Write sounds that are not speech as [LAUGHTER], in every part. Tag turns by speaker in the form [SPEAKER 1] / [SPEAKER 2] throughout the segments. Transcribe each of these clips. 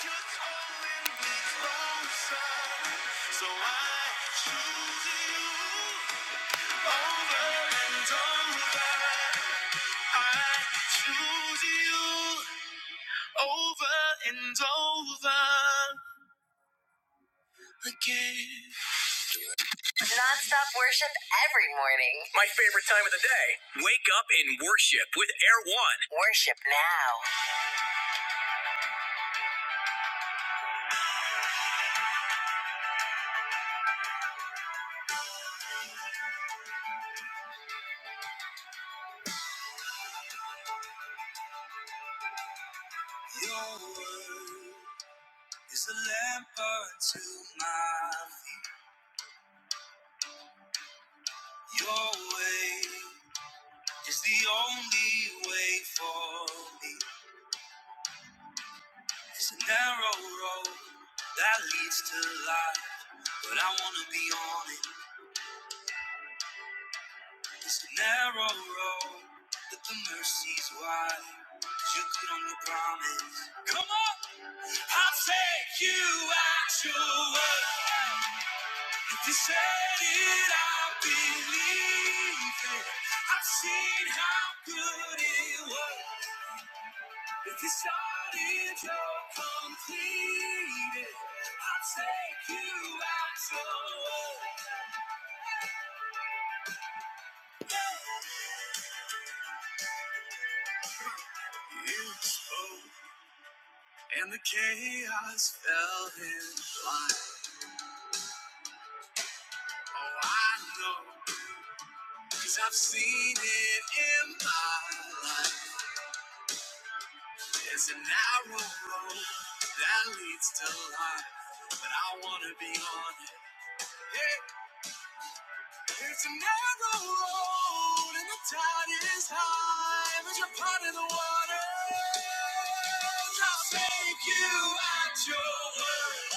[SPEAKER 1] Just So I choose you over and over. I choose you over and over again. Non-stop worship every morning. My favorite time of the day. Wake up and worship with Air One. Worship now. Your word is a lamp unto my feet. Your way. It's the only way for me. It's a narrow road that leads to life, but I wanna be on it. It's a narrow road but the mercy's wide. 'Cause you could only promise. Come on, I'll take you at your word. If you said it, I believe it. I've seen how good it was. If you started, you're completed. I'll take you out your way. You spoke, and the chaos fell in line. Oh, I know, cause I've seen it in my life. There's a narrow road that leads to life, but I wanna be on it. Yeah. It's a narrow road and the tide is high, but you're part of the water. I'll take you at your word.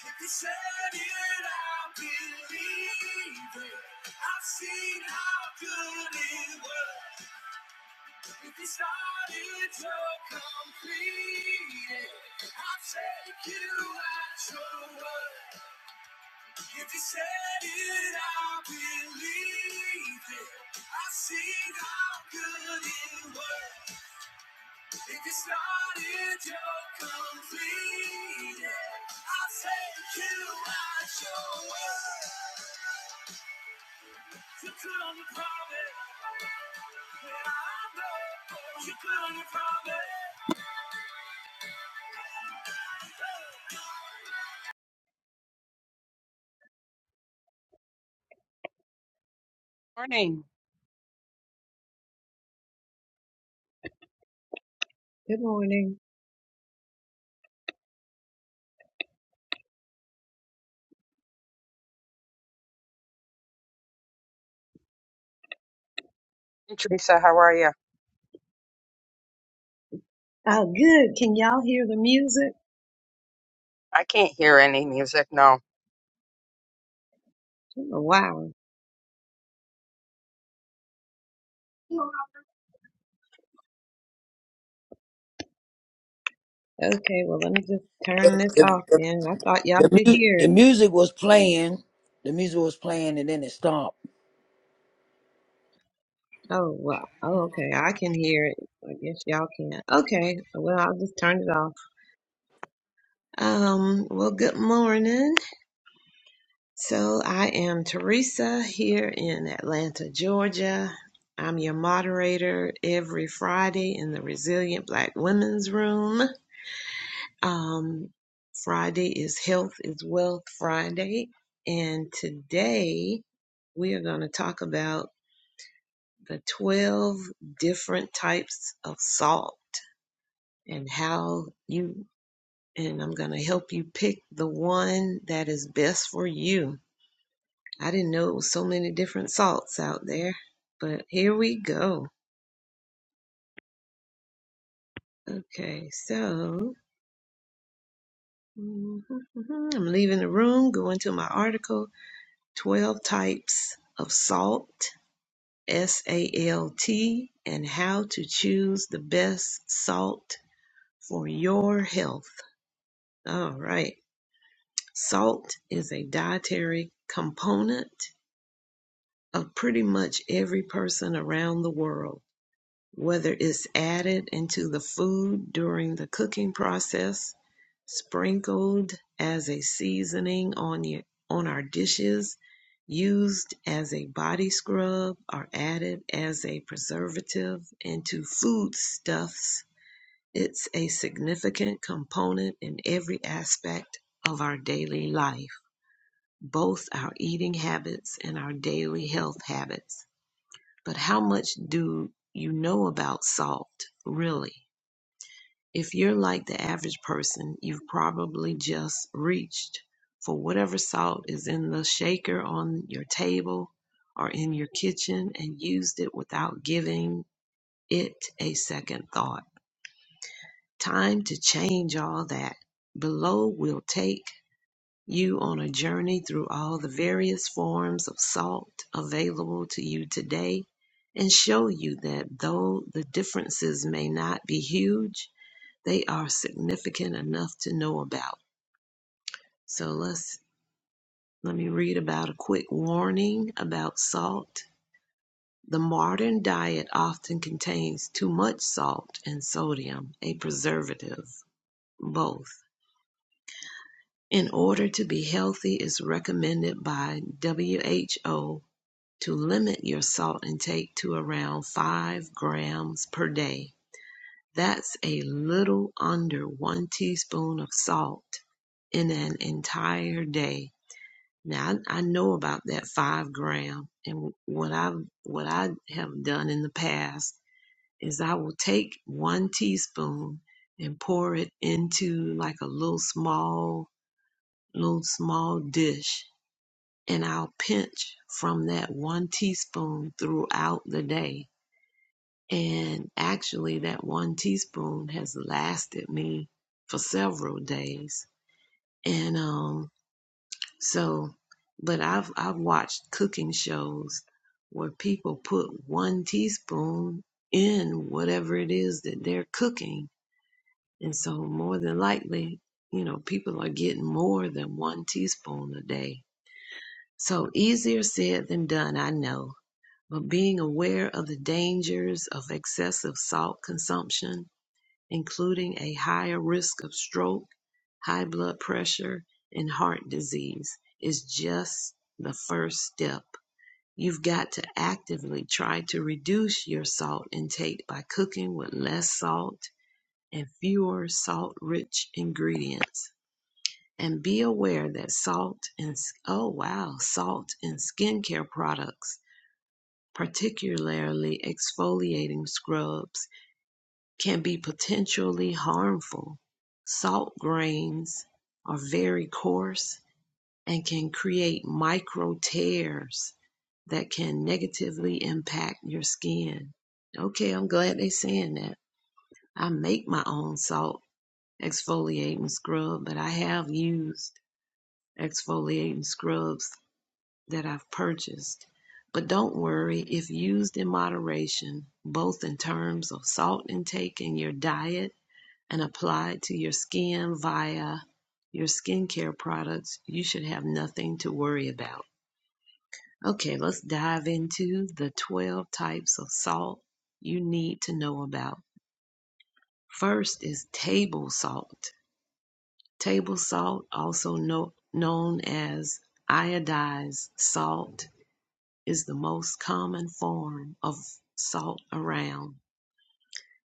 [SPEAKER 1] If you said it, I believe it. I've seen how good it works. If you started to complete it, I'll take you at your word. If you said it, I believe it. I see how good it works. If you started, you're completed. I thank you at your word. You couldn't promise. Yeah, I know you couldn't promise.
[SPEAKER 2] Morning.
[SPEAKER 1] Good morning.
[SPEAKER 2] Hey, Teresa, how are you?
[SPEAKER 1] Oh, good. Can y'all hear the music?
[SPEAKER 2] I can't hear any music. No,
[SPEAKER 1] Wow. Okay, well, let me just turn this
[SPEAKER 3] the,
[SPEAKER 1] off
[SPEAKER 3] the,
[SPEAKER 1] then. I thought
[SPEAKER 3] the,
[SPEAKER 1] y'all could
[SPEAKER 3] mu-
[SPEAKER 1] hear
[SPEAKER 3] the
[SPEAKER 1] it.
[SPEAKER 3] music was playing. The music was playing and then it stopped.
[SPEAKER 1] Oh, well, oh, okay, I can hear it. I guess y'all can't. Okay, well, I'll just turn it off. Um, well, good morning. So I am Teresa here in Atlanta, Georgia. I'm your moderator every Friday in the Resilient Black Women's Room. Um, Friday is Health is Wealth Friday, and today we are going to talk about the 12 different types of salt and how you, and I'm going to help you pick the one that is best for you. I didn't know it was so many different salts out there, but here we go. Okay, so [LAUGHS] mhm, mhm, I'm leaving the room, going to my article 12 types of salt, S A L T, and how to choose the best salt for your health. All right. Salt is a dietary component of pretty much every person around the world, whether it's added into the food during the cooking process, sprinkled as a seasoning on your, on our dishes, used as a body scrub or added as a preservative into foodstuffs. It's a significant component in every aspect of our daily life both our eating habits and our daily health habits. But how much do you know about salt, really? If you're like the average person, you've probably just reached for whatever salt is in the shaker on your table or in your kitchen and used it without giving it a second thought. Time to change all that. Below, we'll take you on a journey through all the various forms of salt available to you today and show you that though the differences may not be huge, they are significant enough to know about. So let's let me read about a quick warning about salt. The modern diet often contains too much salt and sodium, a preservative, both. In order to be healthy, it's recommended by WHO to limit your salt intake to around 5 grams per day. That's a little under one teaspoon of salt in an entire day. Now I, I know about that five gram, and what I what I have done in the past is I will take one teaspoon and pour it into like a little small little small dish, and I'll pinch from that one teaspoon throughout the day And actually, that one teaspoon has lasted me for several days. And um, so, but I've I've watched cooking shows where people put one teaspoon in whatever it is that they're cooking, and so more than likely, you know, people are getting more than one teaspoon a day. So easier said than done, I know. But being aware of the dangers of excessive salt consumption including a higher risk of stroke, high blood pressure, and heart disease, is just the first step. You've got to actively try to reduce your salt intake by cooking with less salt and fewer salt rich ingredients. And be aware that salt and, oh wow, salt in skincare products, particularly exfoliating scrubs can be potentially harmful. Salt grains are very coarse and can create micro tears that can negatively impact your skin. Okay, I'm glad they're saying that. I make my own salt exfoliating scrub, but I have used exfoliating scrubs that I've purchased. But don't worry, if used in moderation, both in terms of salt intake in your diet and applied to your skin via your skincare products, you should have nothing to worry about. Okay, let's dive into the 12 types of salt you need to know about. First is table salt. Table salt, also kno- known as iodized salt, is the most common form of salt around.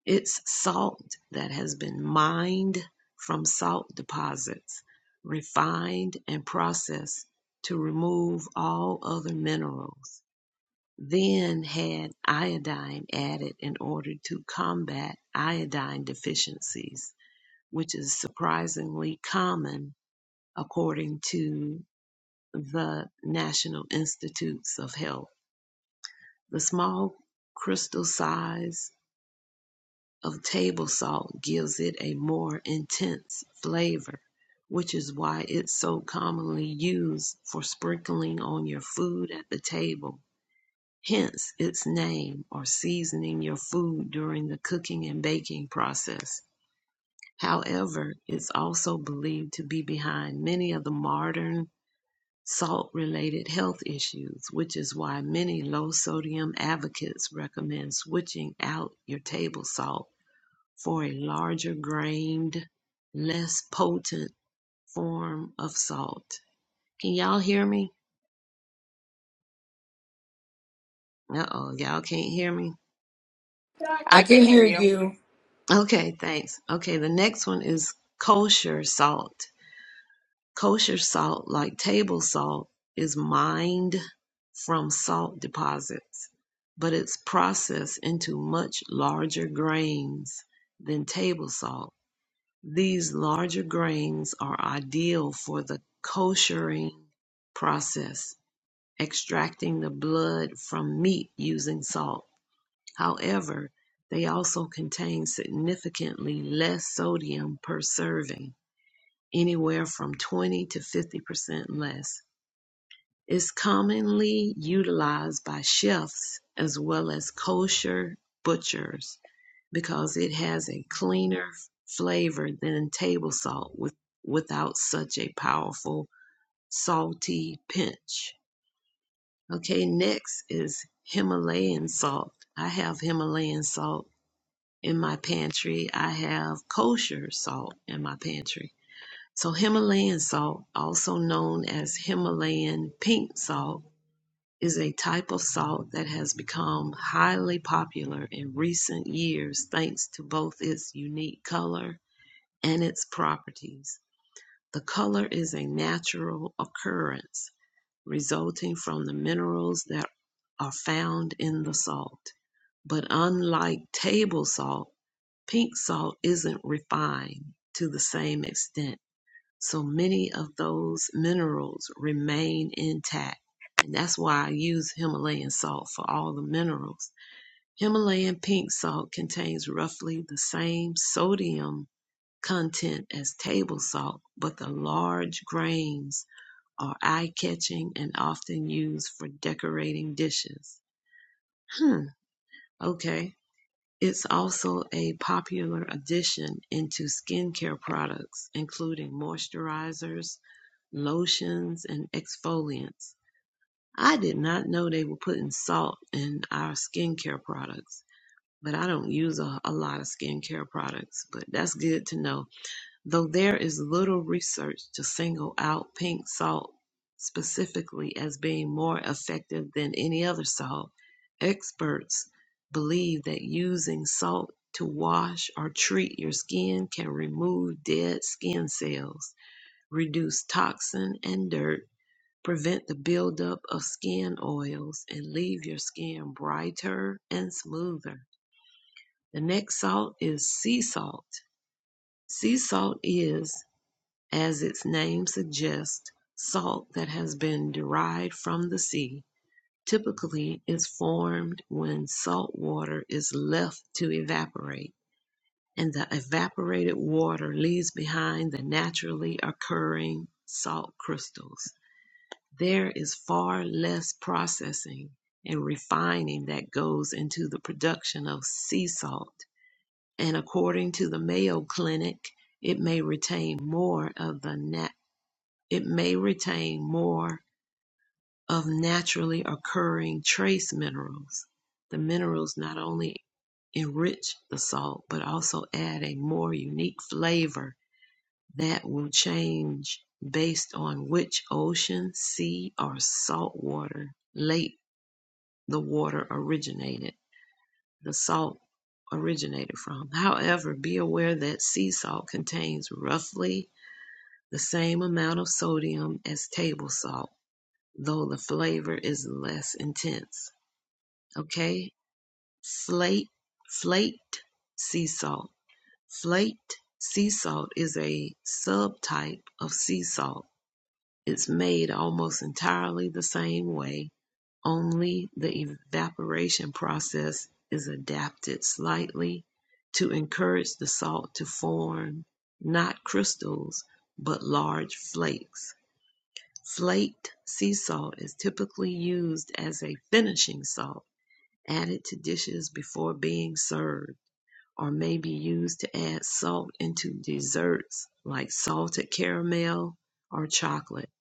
[SPEAKER 1] It's salt that has been mined from salt deposits, refined and processed to remove all other minerals, then had iodine added in order to combat iodine deficiencies, which is surprisingly common according to the National Institutes of Health. The small crystal size of table salt gives it a more intense flavor, which is why it's so commonly used for sprinkling on your food at the table. Hence its name or seasoning your food during the cooking and baking process. However, it's also believed to be behind many of the modern salt related health issues, which is why many low sodium advocates recommend switching out your table salt for a larger grained, less potent form of salt. Can y'all hear me? Uh oh, y'all can't hear me.
[SPEAKER 3] I
[SPEAKER 2] I
[SPEAKER 3] can
[SPEAKER 2] can hear
[SPEAKER 3] hear
[SPEAKER 2] you.
[SPEAKER 3] you.
[SPEAKER 1] Okay, thanks. Okay, the next one is kosher salt. Kosher salt, like table salt, is mined from salt deposits, but it's processed into much larger grains than table salt These larger grains are ideal for the koshering process, extracting the blood from meat using salt. However, they also contain significantly less sodium per serving, anywhere from 20 to 50% less. It's commonly utilized by chefs as well as kosher butchers because it has a cleaner flavor than table salt with, without such a powerful salty pinch. Okay, next is Himalayan salt. I have Himalayan salt in my pantry. I have kosher salt in my pantry. So, Himalayan salt, also known as Himalayan pink salt, is a type of salt that has become highly popular in recent years thanks to both its unique color and its properties. The color is a natural occurrence resulting from the minerals that are found in the salt. But unlike table salt, pink salt isn't refined to the same extent. So many of those minerals remain intact. And that's why I use Himalayan salt for all the minerals. Himalayan pink salt contains roughly the same sodium content as table salt, but the large grains are eye catching and often used for decorating dishes. Hmm, okay. It's also a popular addition into skincare products, including moisturizers, lotions, and exfoliants. I did not know they were putting salt in our skincare products, but I don't use a, a lot of skincare products, but that's good to know though there is little research to single out pink salt specifically as being more effective than any other salt, experts believe that using salt to wash or treat your skin can remove dead skin cells, reduce toxin and dirt, prevent the buildup of skin oils, and leave your skin brighter and smoother. The next salt is sea salt. Sea salt is as its name suggests, salt that has been derived from the sea. Typically, is formed when salt water is left to evaporate, and the evaporated water leaves behind the naturally occurring salt crystals. There is far less processing and refining that goes into the production of sea salt, and according to the Mayo Clinic, it may retain more of the na- it may retain more of naturally occurring trace minerals. The minerals not only enrich the salt, but also add a more unique flavor that will change based on which ocean, sea, or salt water lake the water originated, the salt originated from. However, be aware that sea salt contains roughly the same amount of sodium as table salt though the flavor is less intense. Okay? Slate, flaked sea salt. Flaked sea salt is a subtype of sea salt. It's made almost entirely the same way, only the evaporation process is adapted slightly to encourage the salt to form not crystals, but large flakes. Slaked sea salt is typically used as a finishing salt, added to dishes before being served, or may be used to add salt into desserts like salted caramel or chocolate.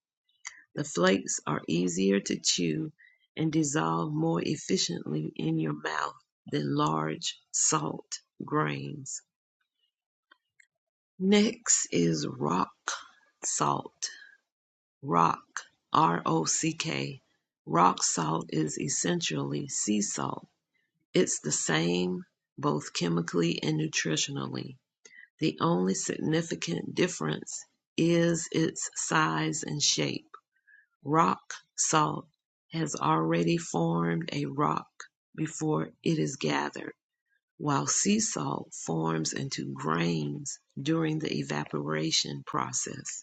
[SPEAKER 1] The flakes are easier to chew and dissolve more efficiently in your mouth than large salt grains. Next is rock salt. rock, R O C K. Rock salt is essentially sea salt. It's the same both chemically and nutritionally. The only significant difference is its size and shape. Rock salt has already formed a rock before it is gathered, while sea salt forms into grains during the evaporation process.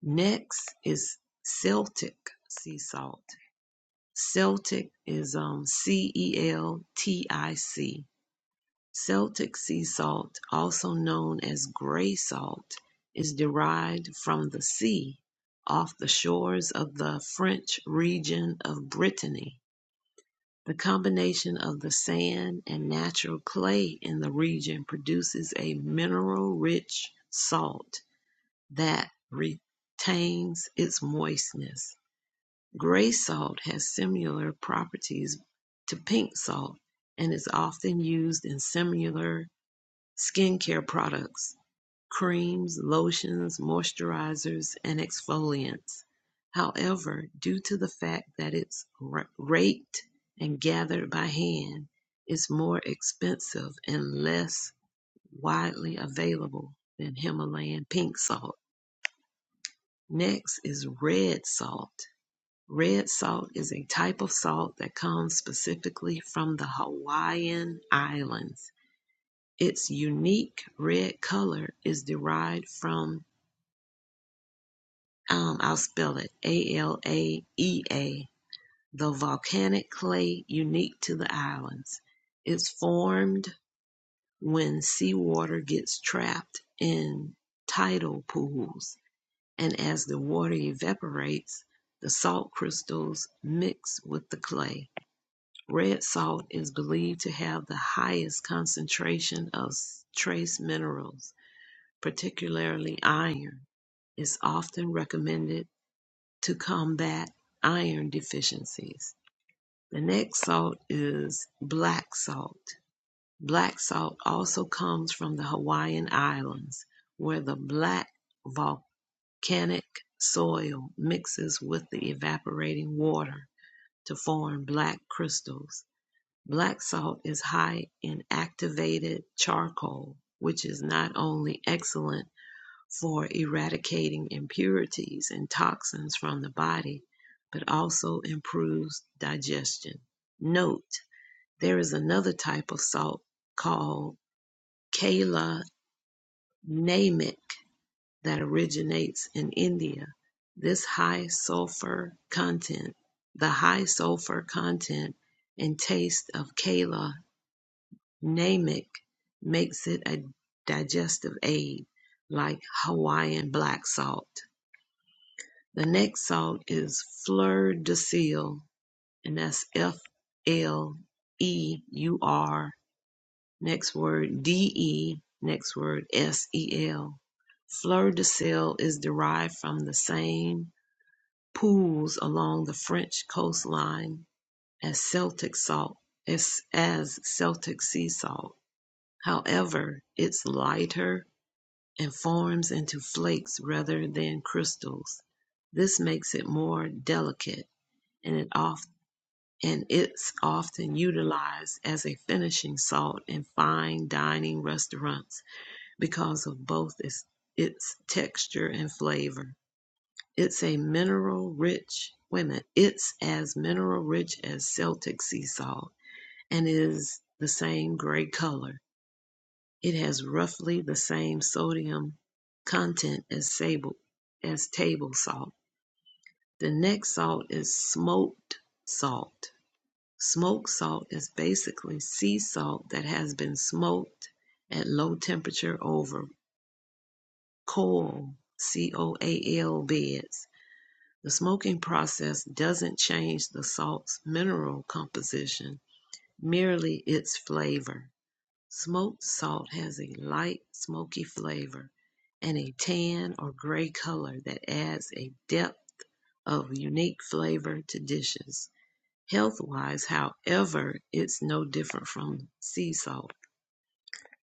[SPEAKER 1] Next is Celtic sea salt. Celtic is um, C E L T I C. Celtic sea salt, also known as gray salt, is derived from the sea off the shores of the French region of Brittany. The combination of the sand and natural clay in the region produces a mineral rich salt that retains its moistness. Gray salt has similar properties to pink salt and is often used in similar skincare products, creams, lotions, moisturizers, and exfoliants. However, due to the fact that it's raked and gathered by hand, it's more expensive and less widely available than Himalayan pink salt. Next is red salt. Red salt is a type of salt that comes specifically from the Hawaiian Islands. Its unique red color is derived from, um, I'll spell it, A L A E A, the volcanic clay unique to the islands. It's formed when seawater gets trapped in tidal pools, and as the water evaporates, the salt crystals mix with the clay. Red salt is believed to have the highest concentration of trace minerals, particularly iron. It's often recommended to combat iron deficiencies. The next salt is black salt. Black salt also comes from the Hawaiian Islands, where the black volcanic soil mixes with the evaporating water to form black crystals. Black salt is high in activated charcoal, which is not only excellent for eradicating impurities and toxins from the body, but also improves digestion. Note, there is another type of salt called Kala Namak that originates in India. This high sulfur content, the high sulfur content and taste of Kala Namek makes it a digestive aid, like Hawaiian black salt. The next salt is fleur de sel, and that's F L E U R. Next word D E. Next word S E L. Fleur de sel is derived from the same pools along the French coastline as Celtic salt, as, as Celtic sea salt. However, it's lighter and forms into flakes rather than crystals. This makes it more delicate and it off and it's often utilized as a finishing salt in fine dining restaurants because of both its, its texture and flavor. It's a mineral rich wait a minute, it's as mineral rich as Celtic sea salt and is the same gray color. It has roughly the same sodium content as sable, as table salt. The next salt is smoked salt. Smoked salt is basically sea salt that has been smoked at low temperature over coal, C O A L beds. The smoking process doesn't change the salt's mineral composition, merely its flavor. Smoked salt has a light, smoky flavor and a tan or gray color that adds a depth of unique flavor to dishes. Health wise, however, it's no different from sea salt.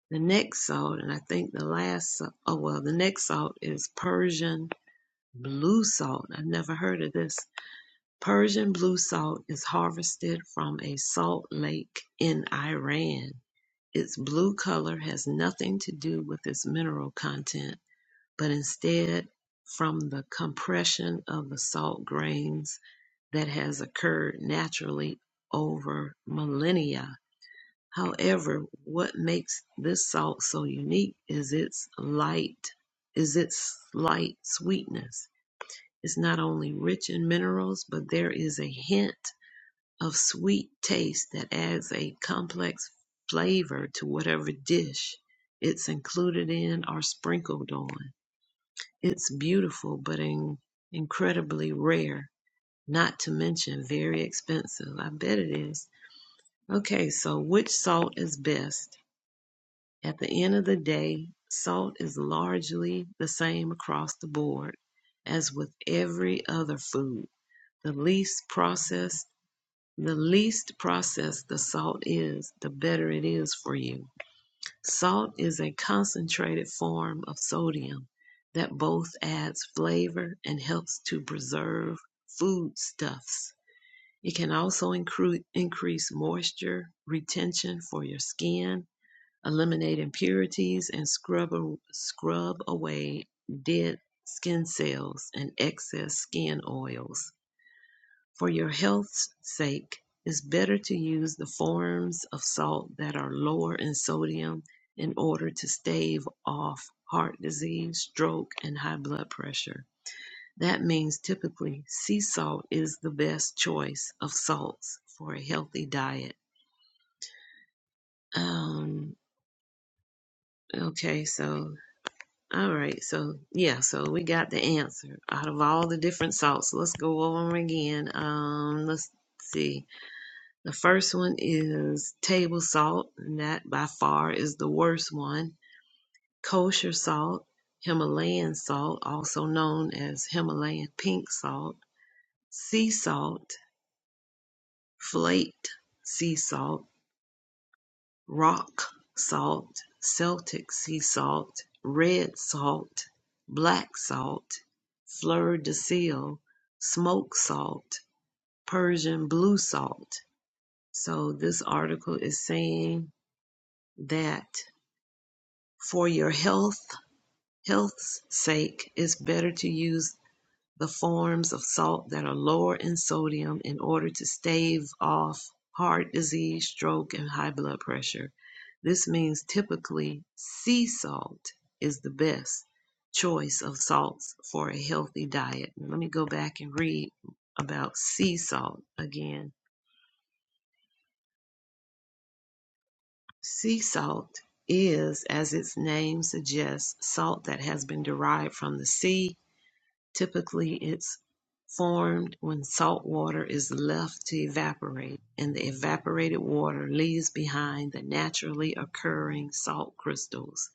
[SPEAKER 1] The next salt, and I think the last, oh well, the next salt is Persian blue salt. I've never heard of this. Persian blue salt is harvested from a salt lake in Iran. Its blue color has nothing to do with its mineral content, but instead from the compression of the salt grains that has occurred naturally over millennia. However, what makes this salt so unique is its light, is its light sweetness. It's not only rich in minerals, but there is a hint of sweet taste that adds a complex flavor to whatever dish it's included in or sprinkled on. It's beautiful, but in, incredibly rare, not to mention very expensive. I bet it is. Okay, so which salt is best? At the end of the day, salt is largely the same across the board as with every other food. The least processed The least processed the salt is, the better it is for you. Salt is a concentrated form of sodium that both adds flavor and helps to preserve foodstuffs. It can also incre- increase moisture retention for your skin, eliminate impurities, and scrub, a- scrub away dead skin cells and excess skin oils. For your health's sake, it's better to use the forms of salt that are lower in sodium in order to stave off heart disease, stroke, and high blood pressure. That means typically sea salt is the best choice of salts for a healthy diet. Um, okay, so, all right, so yeah, so we got the answer out of all the different salts. Let's go over them again. Um, let's see The first one is table salt, and that by far is the worst one. Kosher salt, Himalayan salt, also known as Himalayan pink salt, sea salt, flaked sea salt, rock salt, Celtic sea salt, red salt, black salt, fleur de sel, smoke salt, Persian blue salt. So this article is saying that For your health, health's sake, it's better to use the forms of salt that are lower in sodium in order to stave off heart disease, stroke, and high blood pressure. This means typically sea salt is the best choice of salts for a healthy diet. Let me go back and read about sea salt again. Sea salt is, as its name suggests, salt that has been derived from the sea Typically it's formed when salt water is left to evaporate and the evaporated water leaves behind the naturally occurring salt crystals.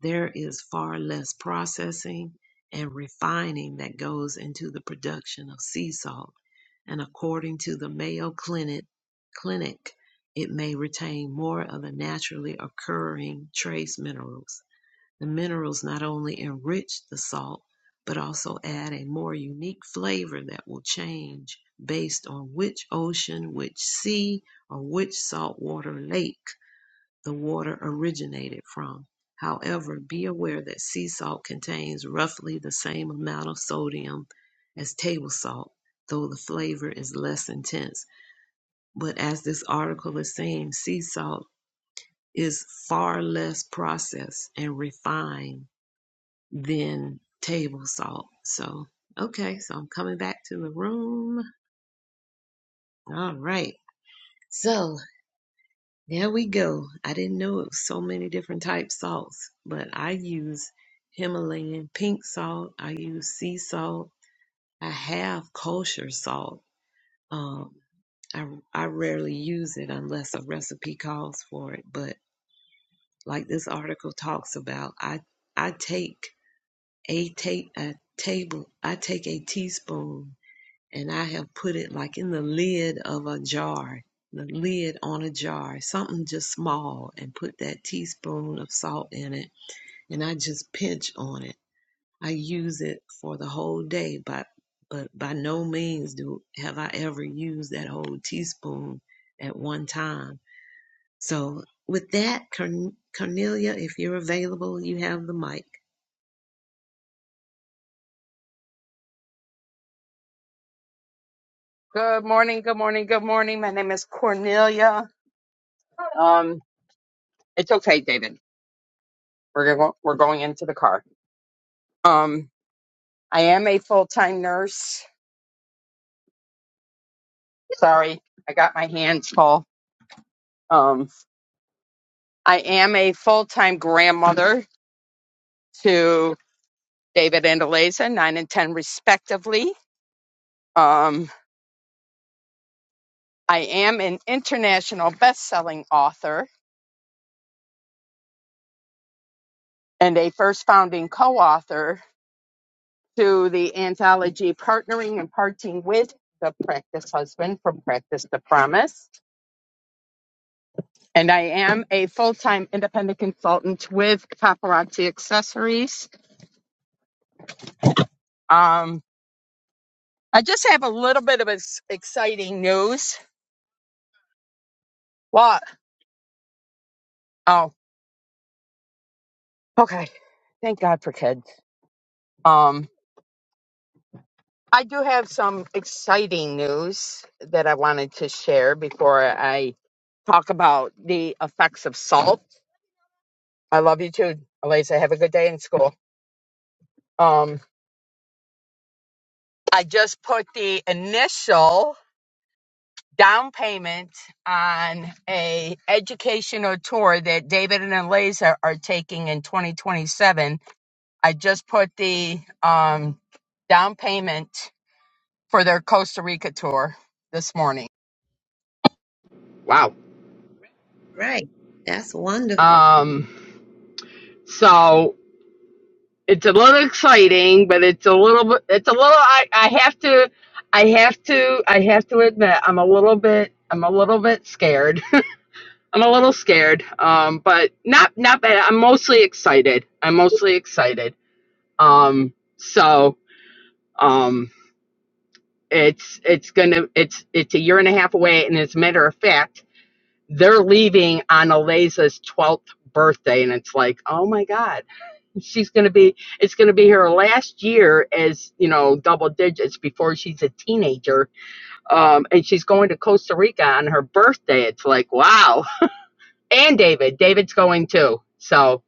[SPEAKER 1] There is far less processing and refining that goes into the production of sea salt, and according to the Mayo Clinic, Clinic it may retain more of the naturally occurring trace minerals. The minerals not only enrich the salt, but also add a more unique flavor that will change based on which ocean, which sea, or which saltwater lake the water originated from. However, be aware that sea salt contains roughly the same amount of sodium as table salt, though the flavor is less intense. But as this article is saying, sea salt is far less processed and refined than table salt. So, okay, so I'm coming back to the room. All right. So, there we go. I didn't know it was so many different type salts, but I use Himalayan pink salt. I use sea salt. I have kosher salt. Um, I, I rarely use it unless a recipe calls for it. But like this article talks about, I I take a ta- a table. I take a teaspoon and I have put it like in the lid of a jar, the lid on a jar, something just small, and put that teaspoon of salt in it, and I just pinch on it. I use it for the whole day, but but by no means do have I ever used that whole teaspoon at one time. So with that, Corn- Cornelia, if you're available, you have the mic.
[SPEAKER 2] Good morning. Good morning. Good morning. My name is Cornelia. Um, it's okay, David. We're going. We're going into the car. Um, I am a full time nurse. Sorry, I got my hands full. Um, I am a full time grandmother to David and Eliza, nine and ten respectively. Um, I am an international best selling author. and a first founding co-author to the anthology Partnering and Parting with the Practice Husband from Practice to Promise. And I am a full-time independent consultant with Paparazzi Accessories. Um, I just have a little bit of ex- exciting news. What? Oh, okay. Thank God for kids. Um, I do have some exciting news that I wanted to share before I talk about the effects of salt I love you too, Elisa. Have a good day in school. Um, I just put the initial down payment on a educational tour that David and Eliza are taking in 2027. I just put the um, down payment for their Costa Rica tour this morning. Wow.
[SPEAKER 1] Right. That's wonderful.
[SPEAKER 2] Um, so it's a little exciting, but it's a little bit, it's a little, I, I have to, I have to, I have to, I'm a bit scared I'm a little scared, um, but not not bad. I'm mostly excited. I'm mostly excited. Um, so um, it's it's gonna it's it's a year and a half away, and as a matter of fact, they're leaving on Aleza's twelfth birthday, and it's like, oh my God, she's gonna be it's gonna be her last year as you know double digits before she's a teenager, um, and she's going to Costa Rica on her birthday. It's like, wow. And David, David's going too. So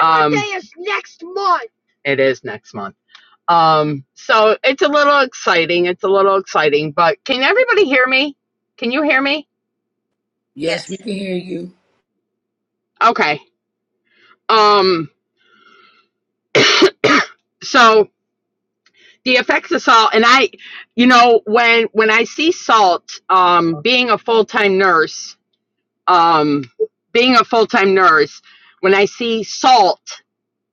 [SPEAKER 2] I Um, birthday is next month. It is next month. Um, so it's a little exciting. It's a little exciting, but can everybody hear me? Can you hear me?
[SPEAKER 3] Yes,
[SPEAKER 1] Yes.
[SPEAKER 3] we can hear you.
[SPEAKER 2] Okay. Um, [COUGHS] so the effects of salt, and I, you know, when when I see salt, um, being a full time nurse, um, being a full time nurse, when I see salt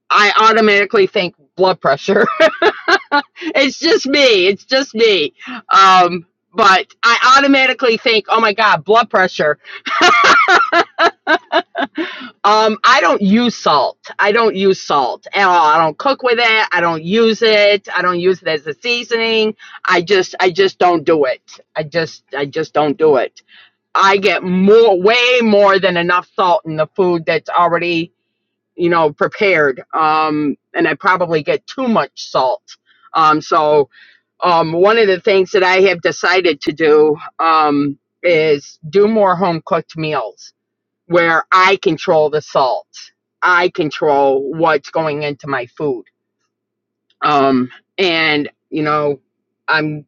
[SPEAKER 2] I automatically think blood pressure. [LAUGHS] it's just me. It's just me. Um, but I automatically think, oh my God, blood pressure. [LAUGHS] Um, I don't use salt. I don't use salt at all. I don't cook with it. I don't use it. I don't use it as a seasoning. I just, I just don't do it. I just, I just don't do it. I get more, way more than enough salt in the food that's already you know, prepared. Um, and I probably get too much salt. Um, so, um, one of the things that I have decided to do, um, is do more home cooked meals where I control the salt. I control what's going into my food. Um, and you know, I'm,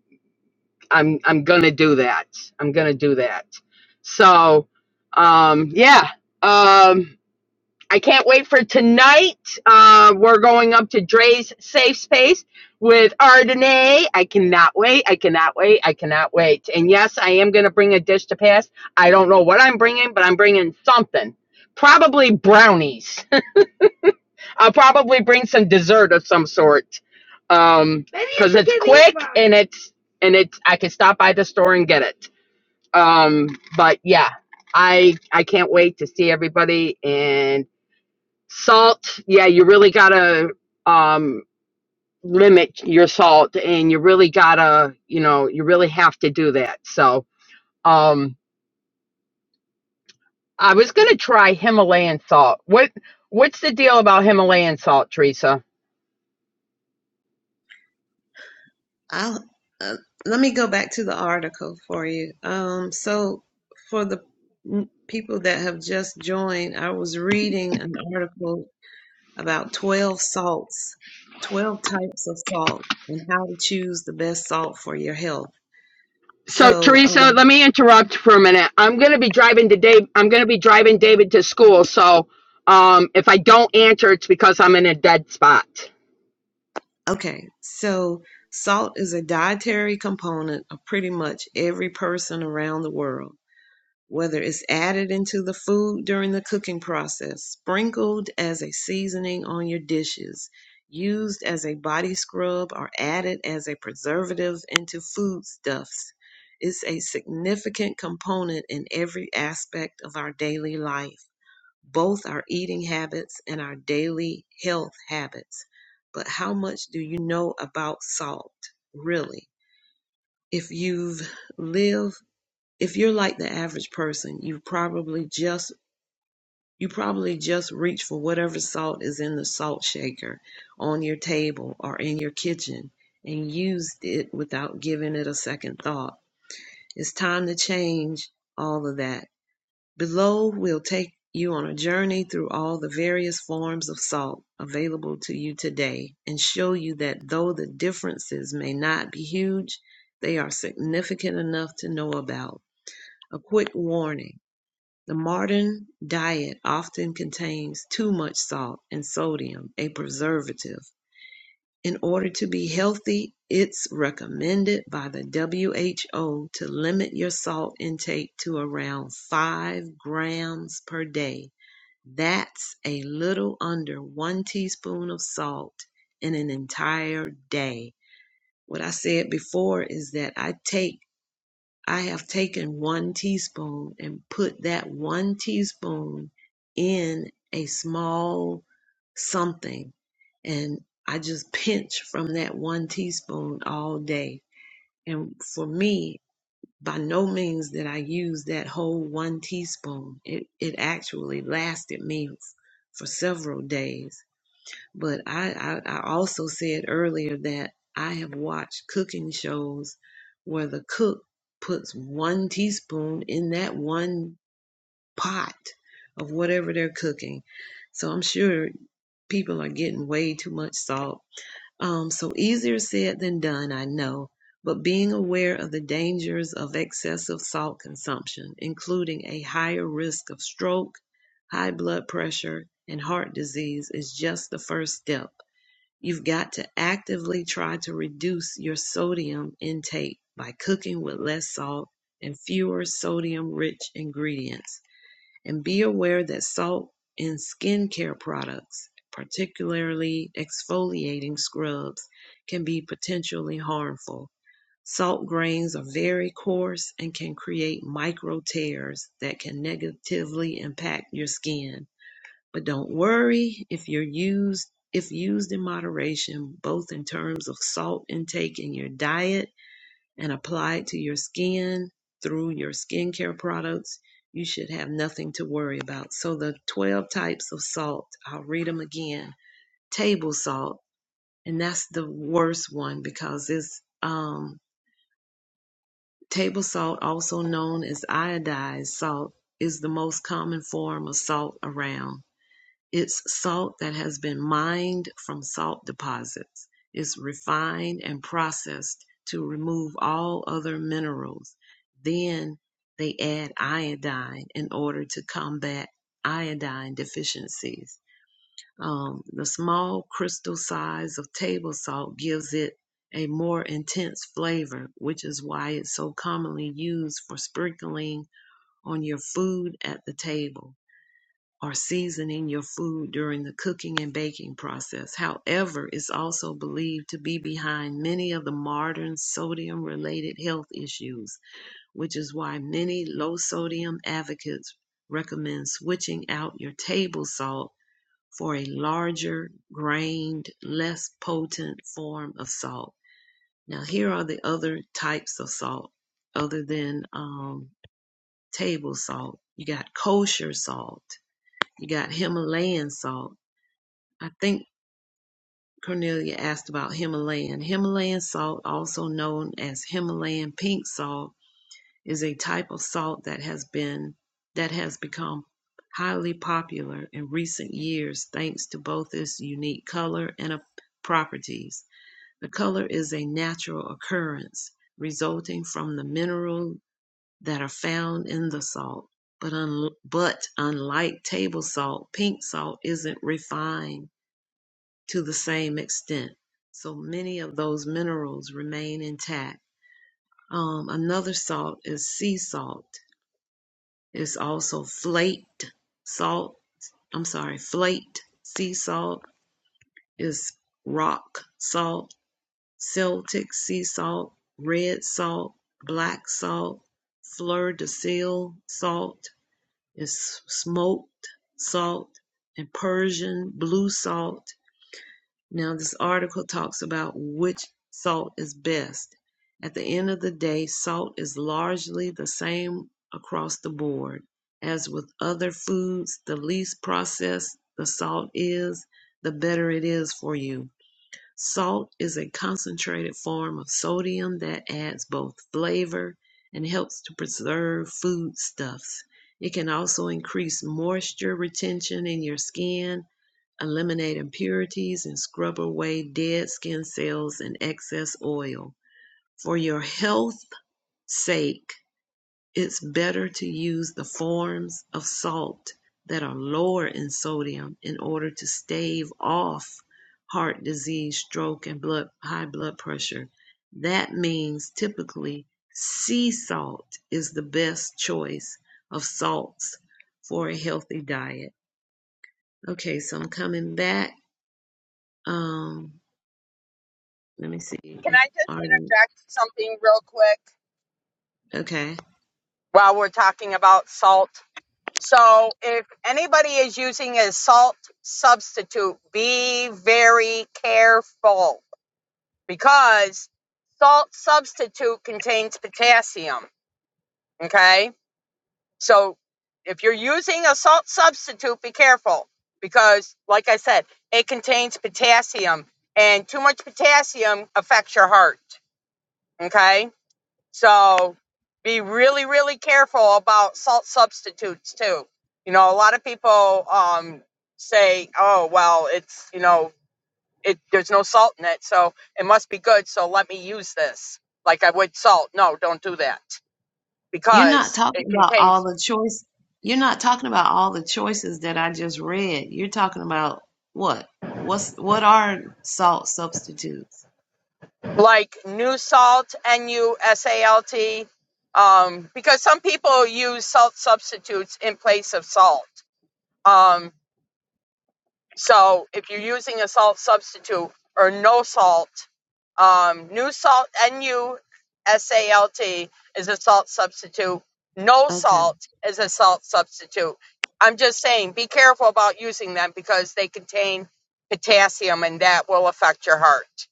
[SPEAKER 2] I'm, I'm gonna do that. I'm gonna do that. So, um, yeah. Um, I can't wait for tonight. Uh, we're going up to Dre's Safe Space with Ardenay. I cannot wait. I cannot wait. I cannot wait. And yes, I am going to bring a dish to pass. I don't know what I'm bringing, but I'm bringing something. Probably brownies. [LAUGHS] I'll probably bring some dessert of some sort. Um, because it's quick and it's and it's I can stop by the store and get it. Um, but yeah, I I can't wait to see everybody and Salt, yeah, you really gotta um, limit your salt, and you really gotta, you know, you really have to do that. So, um, I was gonna try Himalayan salt. What what's the deal about Himalayan salt, Teresa?
[SPEAKER 1] I'll uh, let me go back to the article for you. Um, so for the people that have just joined, I was reading an article about 12 salts, 12 types of salt, and how to choose the best salt for your health.
[SPEAKER 2] So,
[SPEAKER 1] So,
[SPEAKER 2] Teresa,
[SPEAKER 1] um,
[SPEAKER 2] let me interrupt for a minute. I'm gonna be driving to Dave. I'm gonna be driving David to school. So, um, if I don't answer, it's because I'm in a dead spot.
[SPEAKER 1] okay, so salt is a dietary component of pretty much every person around the world. whether it's added into the food during the cooking process, sprinkled as a seasoning on your dishes, used as a body scrub, or added as a preservative into foodstuffs. It's a significant component in every aspect of our daily life, both our eating habits and our daily health habits. But how much do you know about salt, really? If you've lived if you're like the average person, you probably just you probably just reach for whatever salt is in the salt shaker on your table or in your kitchen and used it without giving it a second thought. It's time to change all of that. Below we'll take you on a journey through all the various forms of salt available to you today and show you that though the differences may not be huge, they are significant enough to know about. A quick warning the modern diet often contains too much salt and sodium, a preservative. In order to be healthy, it's recommended by the WHO to limit your salt intake to around 5 grams per day. That's a little under one teaspoon of salt in an entire day. What I said before is that I take I have taken one teaspoon and put that one teaspoon in a small something. And I just pinch from that one teaspoon all day. And for me, by no means did I use that whole one teaspoon. It, it actually lasted me f- for several days. But I, I, I also said earlier that I have watched cooking shows where the cook puts one teaspoon in that one pot of whatever they're cooking. So I'm sure people are getting way too much salt. Um, so easier said than done, I know. But being aware of the dangers of excessive salt consumption, including a higher risk of stroke, high blood pressure, and heart disease, is just the first step You've got to actively try to reduce your sodium intake by cooking with less salt and fewer sodium rich ingredients. And be aware that salt in skincare products, particularly exfoliating scrubs, can be potentially harmful. Salt grains are very coarse and can create micro tears that can negatively impact your skin. But don't worry if you're used if used in moderation, both in terms of salt intake in your diet and applied to your skin through your skincare products, you should have nothing to worry about. So the 12 types of salt, I'll read them again. Table salt, and that's the worst one because it's um table salt also known as iodized salt is the most common form of salt around. It's salt that has been mined from salt deposits. It's refined and processed to remove all other minerals. Then they add iodine in order to combat iodine deficiencies. Um, the small crystal size of table salt gives it a more intense flavor, which is why it's so commonly used for sprinkling on your food at the table or seasoning your food during the cooking and baking process. However, it's also believed to be behind many of the modern sodium related health issues, which is why many low sodium advocates recommend switching out your table salt for a larger, grained, less potent form of salt. Now, here are the other types of salt other than um, table salt. You got kosher salt. You got Himalayan salt I think Cornelia asked about Himalayan. Himalayan salt, also known as Himalayan pink salt, is a type of salt that has been that has become highly popular in recent years thanks to both its unique color and uh, properties. The color is a natural occurrence resulting from the minerals that are found in the salt. But, un- but unlike table salt, pink salt isn't refined to the same extent. So many of those minerals remain intact. Um, another salt is sea salt. It's also flaked salt. I'm sorry, flaked sea salt is rock salt, Celtic sea salt, red salt, black salt, fleur de sel salt is smoked salt, and Persian blue salt Now, this article talks about which salt is best. At the end of the day, salt is largely the same across the board. As with other foods, the least processed the salt is, the better it is for you. Salt is a concentrated form of sodium that adds both flavor and helps to preserve foodstuffs. It can also increase moisture retention in your skin, eliminate impurities, and scrub away dead skin cells and excess oil. For your health's sake, it's better to use the forms of salt that are lower in sodium in order to stave off heart disease, stroke, and blood, high blood pressure. That means typically sea salt is the best choice of salts for a healthy diet. Okay, so I'm coming back. Um, let me see
[SPEAKER 2] Can
[SPEAKER 1] if
[SPEAKER 2] I just
[SPEAKER 1] Arden.
[SPEAKER 2] interject something real quick
[SPEAKER 1] Okay.
[SPEAKER 2] while we're talking about salt? So, if anybody is using a salt substitute, be very careful because salt substitute contains potassium. Okay. So if you're using a salt substitute, be careful because, like I said, it contains potassium, and too much potassium affects your heart. Okay, so be really, really careful about salt substitutes too. You know, a lot of people um, say, "Oh, well, it's you know, it there's no salt in it, so it must be good. So let me use this like I would salt." No, don't do that
[SPEAKER 1] You're not
[SPEAKER 2] because
[SPEAKER 1] talking
[SPEAKER 2] it
[SPEAKER 1] about
[SPEAKER 2] contains
[SPEAKER 1] all the choice. You're not talking about all the choices that I just read. You're talking about what? What's what are salt substitutes?
[SPEAKER 2] like new salt, N U S A L T, um, because some people use salt substitutes in place of salt. Um, so if you're using a salt substitute or no salt, um, new salt, N U S A L T, is a salt substitute. No
[SPEAKER 1] Okay.
[SPEAKER 2] salt is a salt substitute. I'm just saying, be careful about using them because they contain potassium and that will affect your heart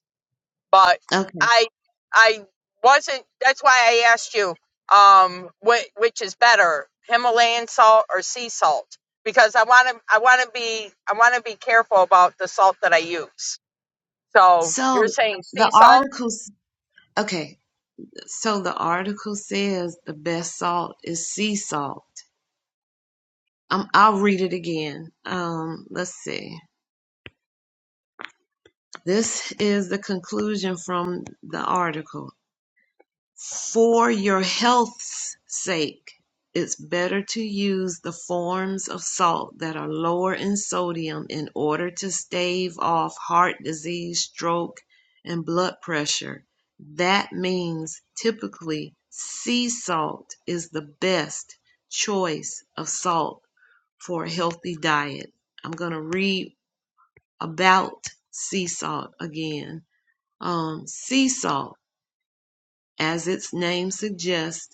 [SPEAKER 2] but
[SPEAKER 1] Okay.
[SPEAKER 2] I I wasn't. That's why I asked you, um, which, which is better, Himalayan salt or sea salt? Because I want to I want to be I want to be careful about the salt that I use. So you're
[SPEAKER 1] So
[SPEAKER 2] saying
[SPEAKER 1] the
[SPEAKER 2] sea salt?
[SPEAKER 1] articles okay, so the article says the best salt is sea salt. Um, I'll read it again. Um, let's see. This is the conclusion from the article. For your health's sake, it's better to use the forms of salt that are lower in sodium in order to stave off heart disease, stroke, and blood pressure. That means typically sea salt is the best choice of salt for a healthy diet. I'm going to read about sea salt again. Um, sea salt, as its name suggests,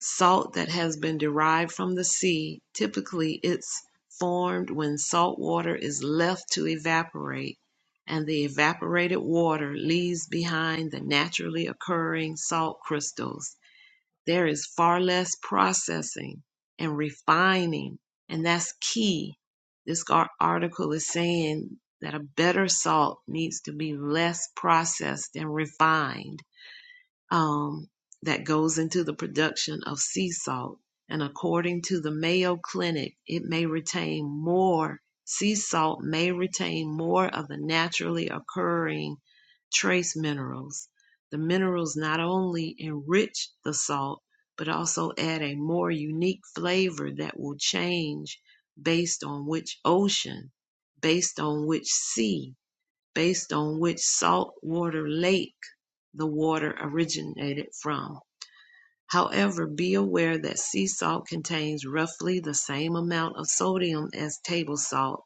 [SPEAKER 1] Salt that has been derived from the sea typically it's formed when salt water is left to evaporate and the evaporated water leaves behind the naturally occurring salt crystals. There is far less processing and refining, and that's key. This article is saying that a better salt needs to be less processed and refined um, that goes into the production of sea salt. And according to the Mayo Clinic, it may retain more, sea salt may retain more of the naturally occurring trace minerals. The minerals not only enrich the salt, but also add a more unique flavor that will change based on which ocean, based on which sea based on which saltwater lake the water originated from. However, be aware that sea salt contains roughly the same amount of sodium as table salt,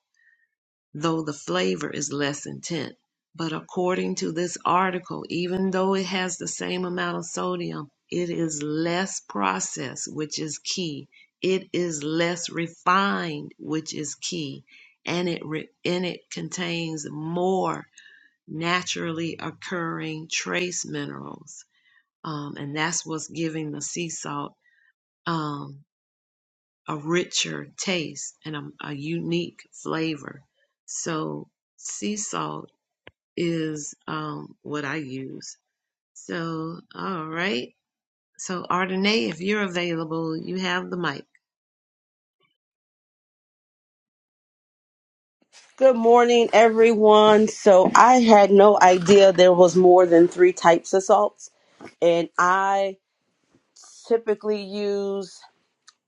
[SPEAKER 1] though the flavor is less intense. But according to this article, even though it has the same amount of sodium, it is less processed, which is key. It is less refined, which is key, and it re- and it contains more naturally occurring trace minerals. Um, and that's what's giving the sea salt um, a richer taste and a, a unique flavor. So, sea salt is um, what I use. So, all right. So, Ardenae, if you're available, you have the mic.
[SPEAKER 4] Good morning, everyone. So, I had no idea there was more than three types of salts, and I typically use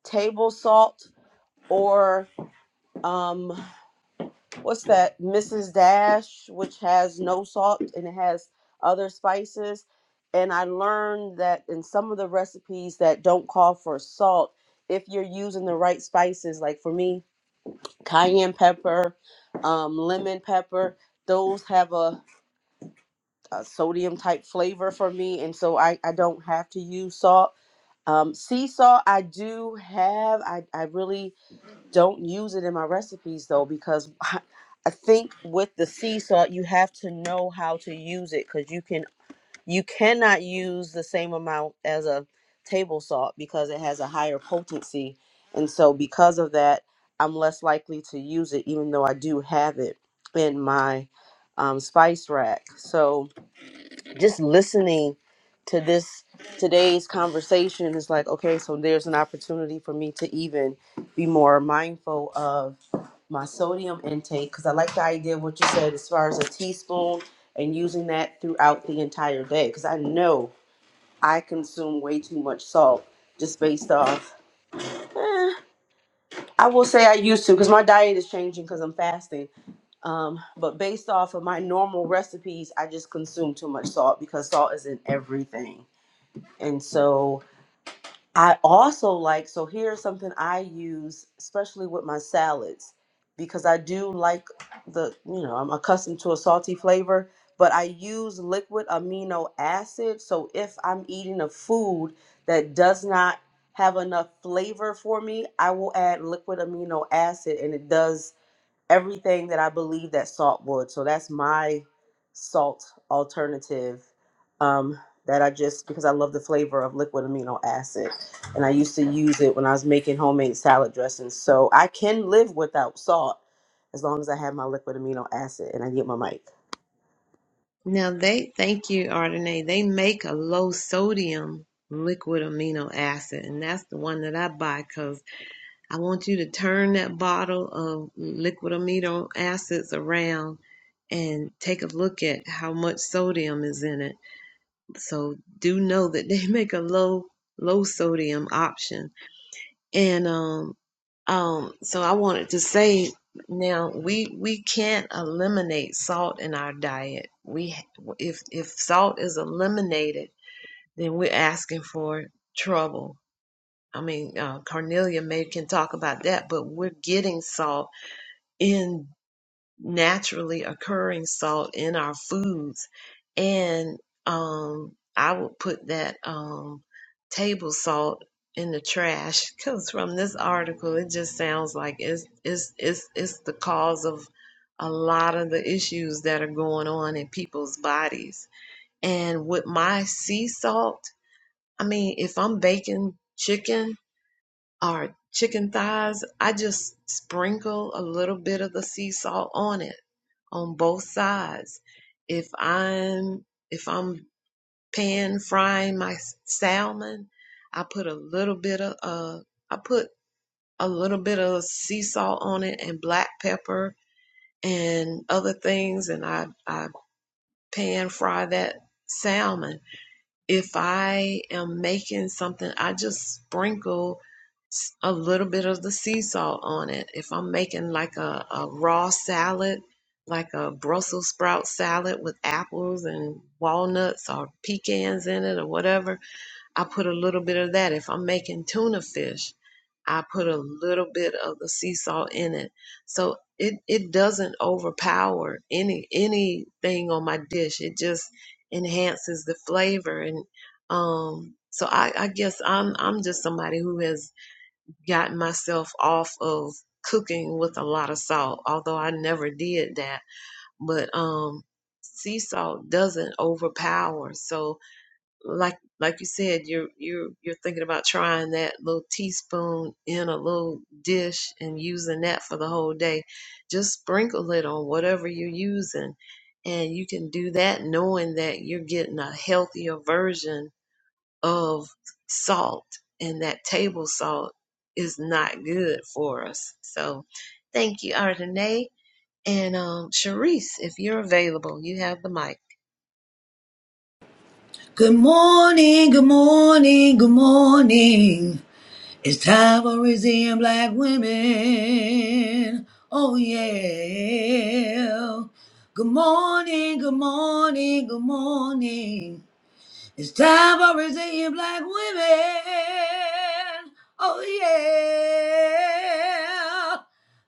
[SPEAKER 4] table salt or um, what's that, Mrs. Dash, which has no salt and it has other spices. And I learned that in some of the recipes that don't call for salt, if you're using the right spices, like for me, cayenne pepper, um, lemon pepper, those have a a sodium type flavor for me, and so I, I don't have to use salt. Um, sea salt I do have. I, I really don't use it in my recipes though because [LAUGHS] I, I think with the sea salt you have to know how to use it because you can you cannot use the same amount as a table salt because it has a higher potency, and so because of that I'm less likely to use it even though I do have it in my um, spice rack. So just listening to this today's conversation is like okay so there's an opportunity for me to even be more mindful of my sodium intake because i like the idea of what you said as far as a teaspoon and using that throughout the entire day because i know i consume way too much salt just based off eh, i will say i used to because my diet is changing because i'm fasting um, but based off of my normal recipes i just consume too much salt because salt is in everything and so I also like, so here's something I use, especially with my salads, because I do like the, you know, I'm accustomed to a salty flavor, but I use liquid amino acid. So if I'm eating a food that does not have enough flavor for me, I will add liquid amino acid and it does everything that I believe that salt would. So that's my salt alternative um, that I just because I love the flavor of liquid amino acid, and I used to use it when I was making homemade salad dressings. So I can live without salt as long as I have my liquid amino acid and I get my mic.
[SPEAKER 1] Now, they thank you, Ardenae. They make a low sodium liquid amino acid, and that's the one that I buy because. I want you to turn that bottle of liquid amino acids around and take a look at how much sodium is in it. So do know that [LAUGHS] they make a low low sodium option. And um um so I wanted to say now we we can't eliminate salt in our diet. We if if salt is eliminated, then we're asking for trouble I mean, uh, Cornelia may can talk about that, but we're getting salt in naturally occurring salt in our foods, and um, I would put that um, table salt in the trash because from this article, it just sounds like it's it's it's it's the cause of a lot of the issues that are going on in people's bodies. And with my sea salt, I mean, if I'm baking chicken or chicken thighs, I just sprinkle a little bit of the sea salt on it on both sides. If I'm if I'm pan frying my salmon, I put a little bit of uh I put a little bit of sea salt on it and black pepper and other things and I I pan fry that salmon if I am making something, I just sprinkle a little bit of the sea salt on it. If I'm making like a, a raw salad, like a Brussels sprout salad with apples and walnuts or pecans in it or whatever, I put a little bit of that. If I'm making tuna fish, I put a little bit of the sea salt in it. So it, it doesn't overpower any anything on my dish. It just enhances the flavor and um so I, I guess I'm I'm just somebody who has gotten myself off of cooking with a lot of salt, although I never did that. But um sea salt doesn't overpower. So like like you said, you're you're you're thinking about trying that little teaspoon in a little dish and using that for the whole day. Just sprinkle it on whatever you're using, and you can do that knowing that you're getting a healthier version of salt, and that table salt is not good for us. So, thank you, Ardenae and um, Sharice. If you're available, you have the mic.
[SPEAKER 3] Good morning, good morning, good morning. It's time for raising black women. Oh, yeah. Good morning, good morning, good morning. It's time for resilient black women. Oh yeah.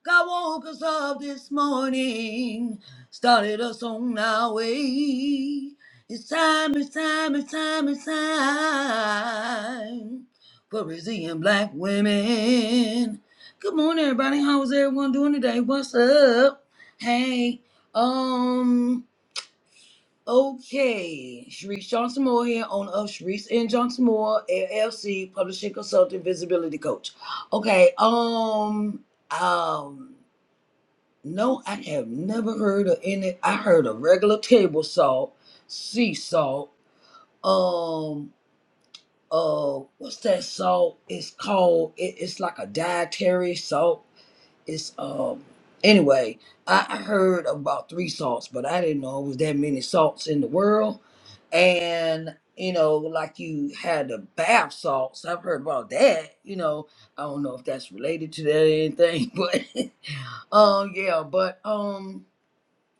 [SPEAKER 3] God woke us up this morning, started us on our way. It's time, it's time, it's time, it's time for resilient black women. Good morning, everybody. How's everyone doing today? What's up? Hey, um. Okay, Sharice Johnson Moore here, owner of Sharice and Johnson Moore LLC, publishing consultant, visibility coach. Okay, um, um, no, I have never heard of any. I heard of regular table salt, sea salt. Um, uh, what's that salt? It's called. It, it's like a dietary salt it's um anyway I, I heard about three salts but i didn't know it was that many salts in the world and you know like you had the bath salts i've heard about that you know i don't know if that's related to that or anything [LAUGHS] but um yeah but um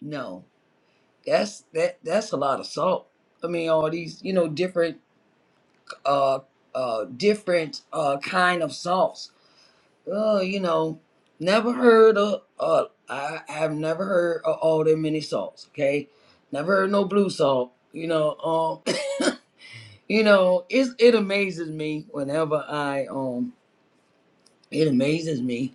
[SPEAKER 3] no that's that that's a lot of salt i mean all these you know different uh uh different uh kind of salts uh, you know, never heard of, uh, I have never heard of all their many salts. Okay, never heard no blue salt. You know, um, [COUGHS] [CLEARS THROAT] you know, it's it amazes me whenever I um, it amazes me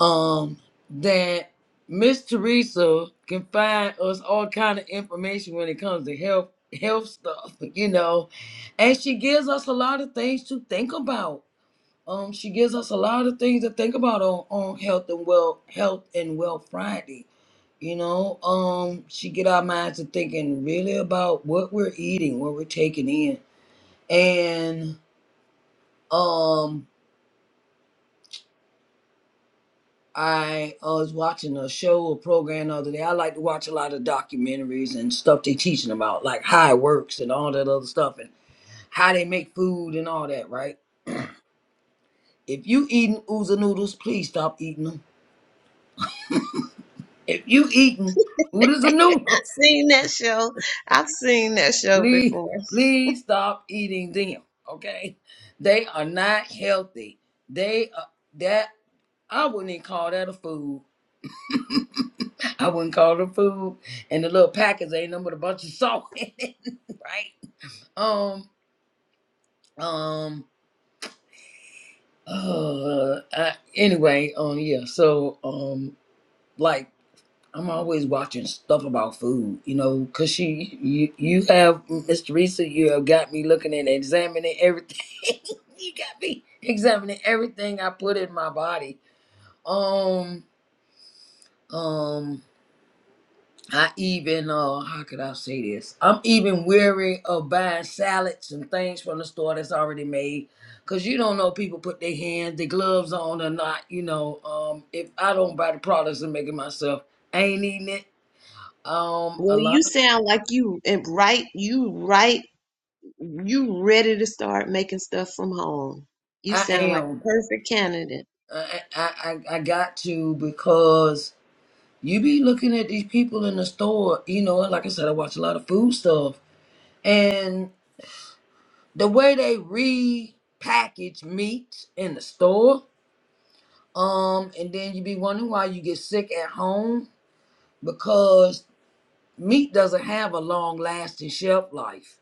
[SPEAKER 3] um that Miss Teresa can find us all kind of information when it comes to health health stuff. [LAUGHS] You know, and she gives us a lot of things to think about Um, she gives us a lot of things to think about on, on health and well health and well Friday. You know, um, she get our minds to thinking really about what we're eating, what we're taking in. And um I uh, was watching a show, a program the other day. I like to watch a lot of documentaries and stuff they teaching about, like how it works and all that other stuff and how they make food and all that, right? If you eating ooza noodles, please stop eating them. If you eating oodles and
[SPEAKER 1] [LAUGHS]
[SPEAKER 3] noodles,
[SPEAKER 1] seen that show. I've seen that show
[SPEAKER 3] Please,
[SPEAKER 1] before.
[SPEAKER 3] please stop eating them. Okay, they are not healthy. They are that I wouldn't even call that a food. [LAUGHS] I wouldn't call it a food. And the little packets ain't nothing but a bunch of salt [LAUGHS] in it, right? Um, um. [SIGHS] Uh, I, anyway, um, yeah. So, um, like. I'm always watching stuff about food, you know, cause she, you, you have Miss Teresa, you have got me looking and examining everything. [LAUGHS] you got me examining everything I put in my body. Um, um, I even, uh, how could I say this? I'm even weary of buying salads and things from the store that's already made, cause you don't know people put their hands, their gloves on or not. You know, um, if I don't buy the products and make it myself, I ain't eating it. Um,
[SPEAKER 1] Well,
[SPEAKER 3] a lot.
[SPEAKER 1] you sound like you and right, you right, you ready to start making stuff from home. You
[SPEAKER 3] I
[SPEAKER 1] sound like a
[SPEAKER 3] am.
[SPEAKER 1] perfect candidate.
[SPEAKER 3] I, I I I got to because you be looking at these people in the store, you know, and like I said, I watch a lot of food stuff. And the way they repackage meat in the store, um, and then you be wondering why you get sick at home because meat doesn't have a long lasting shelf life.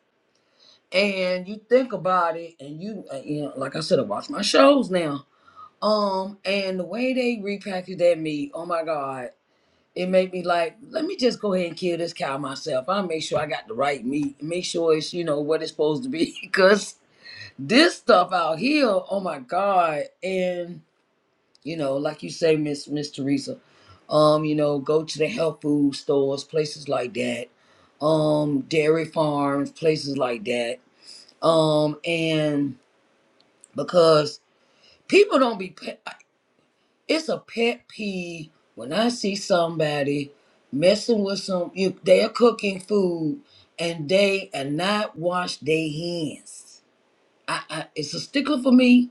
[SPEAKER 3] And you think about it, and you, uh, you know, like I said, I watch my shows now. Um, and the way they repackage that meat, oh my God it made me like, let me just go ahead and kill this cow myself. I'll make sure I got the right meat, make sure it's, you know, what it's supposed to be. [LAUGHS] Because this stuff out here, oh my God. And, you know, like you say, Miss Miss Teresa, um, you know, go to the health food stores, places like that, um, dairy farms, places like that. Um, and because people don't be it's a pet peeve when I see somebody messing with some you they're cooking food and they are not wash their hands. I, I it's a stickler for me.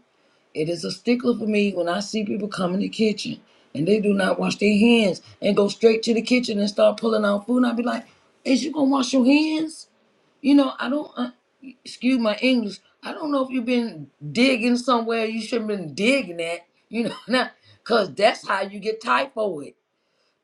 [SPEAKER 3] It is a stickler for me when I see people come in the kitchen and they do not wash their hands and go straight to the kitchen and start pulling out food. And i be like, is you gonna wash your hands? You know, I don't, uh, excuse my English, I don't know if you've been digging somewhere you shouldn't been digging at, you know, [LAUGHS] not, because that's how you get typhoid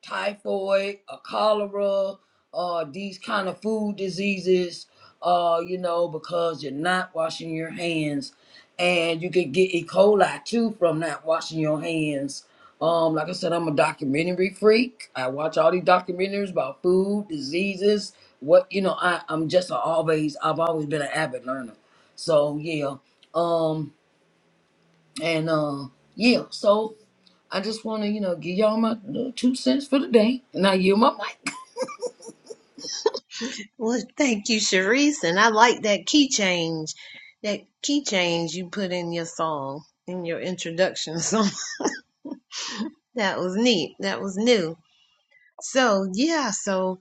[SPEAKER 3] typhoid or cholera or these kind of food diseases uh you know because you're not washing your hands and you could get e coli too from not washing your hands um like i said i'm a documentary freak i watch all these documentaries about food diseases what you know i i'm just a always i've always been an avid learner so yeah um and uh, yeah, so I just want to, you know, give y'all my uh, two cents for the day. And I yield my mic.
[SPEAKER 1] Well, thank you, Sharice, and I like that key change, that key change you put in your song, in your introduction [LAUGHS] song. That was neat. That was new. So yeah, so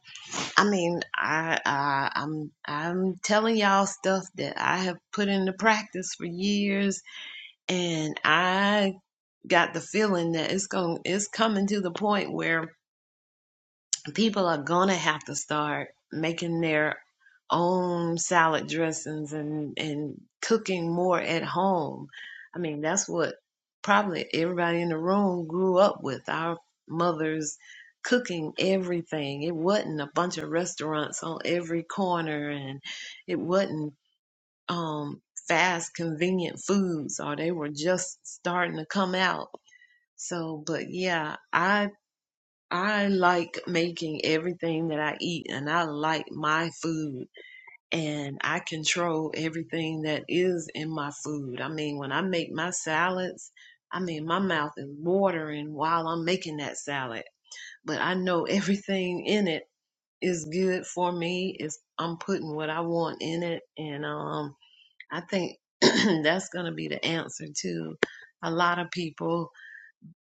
[SPEAKER 1] I mean, I, I I'm I'm telling y'all stuff that I have put into practice for years, and I got the feeling that it's going it's coming to the point where people are gonna have to start making their own salad dressings and and cooking more at home. I mean, that's what probably everybody in the room grew up with. Our mothers cooking everything. It wasn't a bunch of restaurants on every corner, and it wasn't um, fast, convenient foods, or they were just starting to come out. So, but yeah, I I like making everything that I eat and I like my food and I control everything that is in my food. I mean, when I make my salads, I mean, my mouth is watering while I'm making that salad, but I know [LAUGHS] everything in it is good for me. Is I'm putting what I want in it and um I think [CLEARS THROAT] that's going to be the answer to a lot of people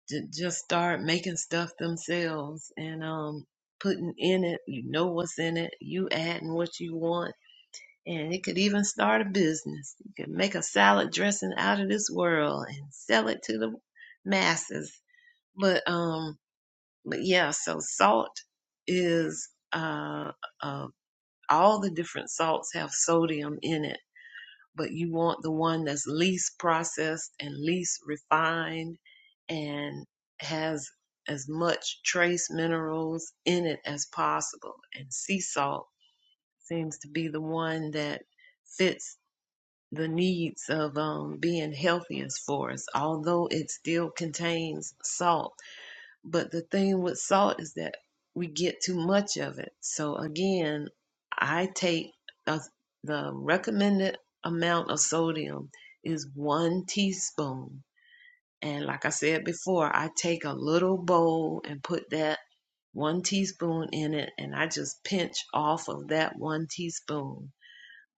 [SPEAKER 1] J- just start making stuff themselves and um, putting in it. You know what's in it. You adding what you want. And it could even start a business. You could make a salad dressing out of this world and sell it to the masses. But um, but yeah, so salt is uh, uh all the different salts have sodium in it but you want the one that's least processed and least refined and has as much trace minerals in it as possible. And sea salt seems to be the one that fits the needs of um, being healthiest for us, although it still contains salt but the thing with salt is that we get too much of it. So again, I take a, the recommended amount of sodium is one teaspoon. And like I said before, I take a little bowl and put that one teaspoon in it, and I just pinch off of that one teaspoon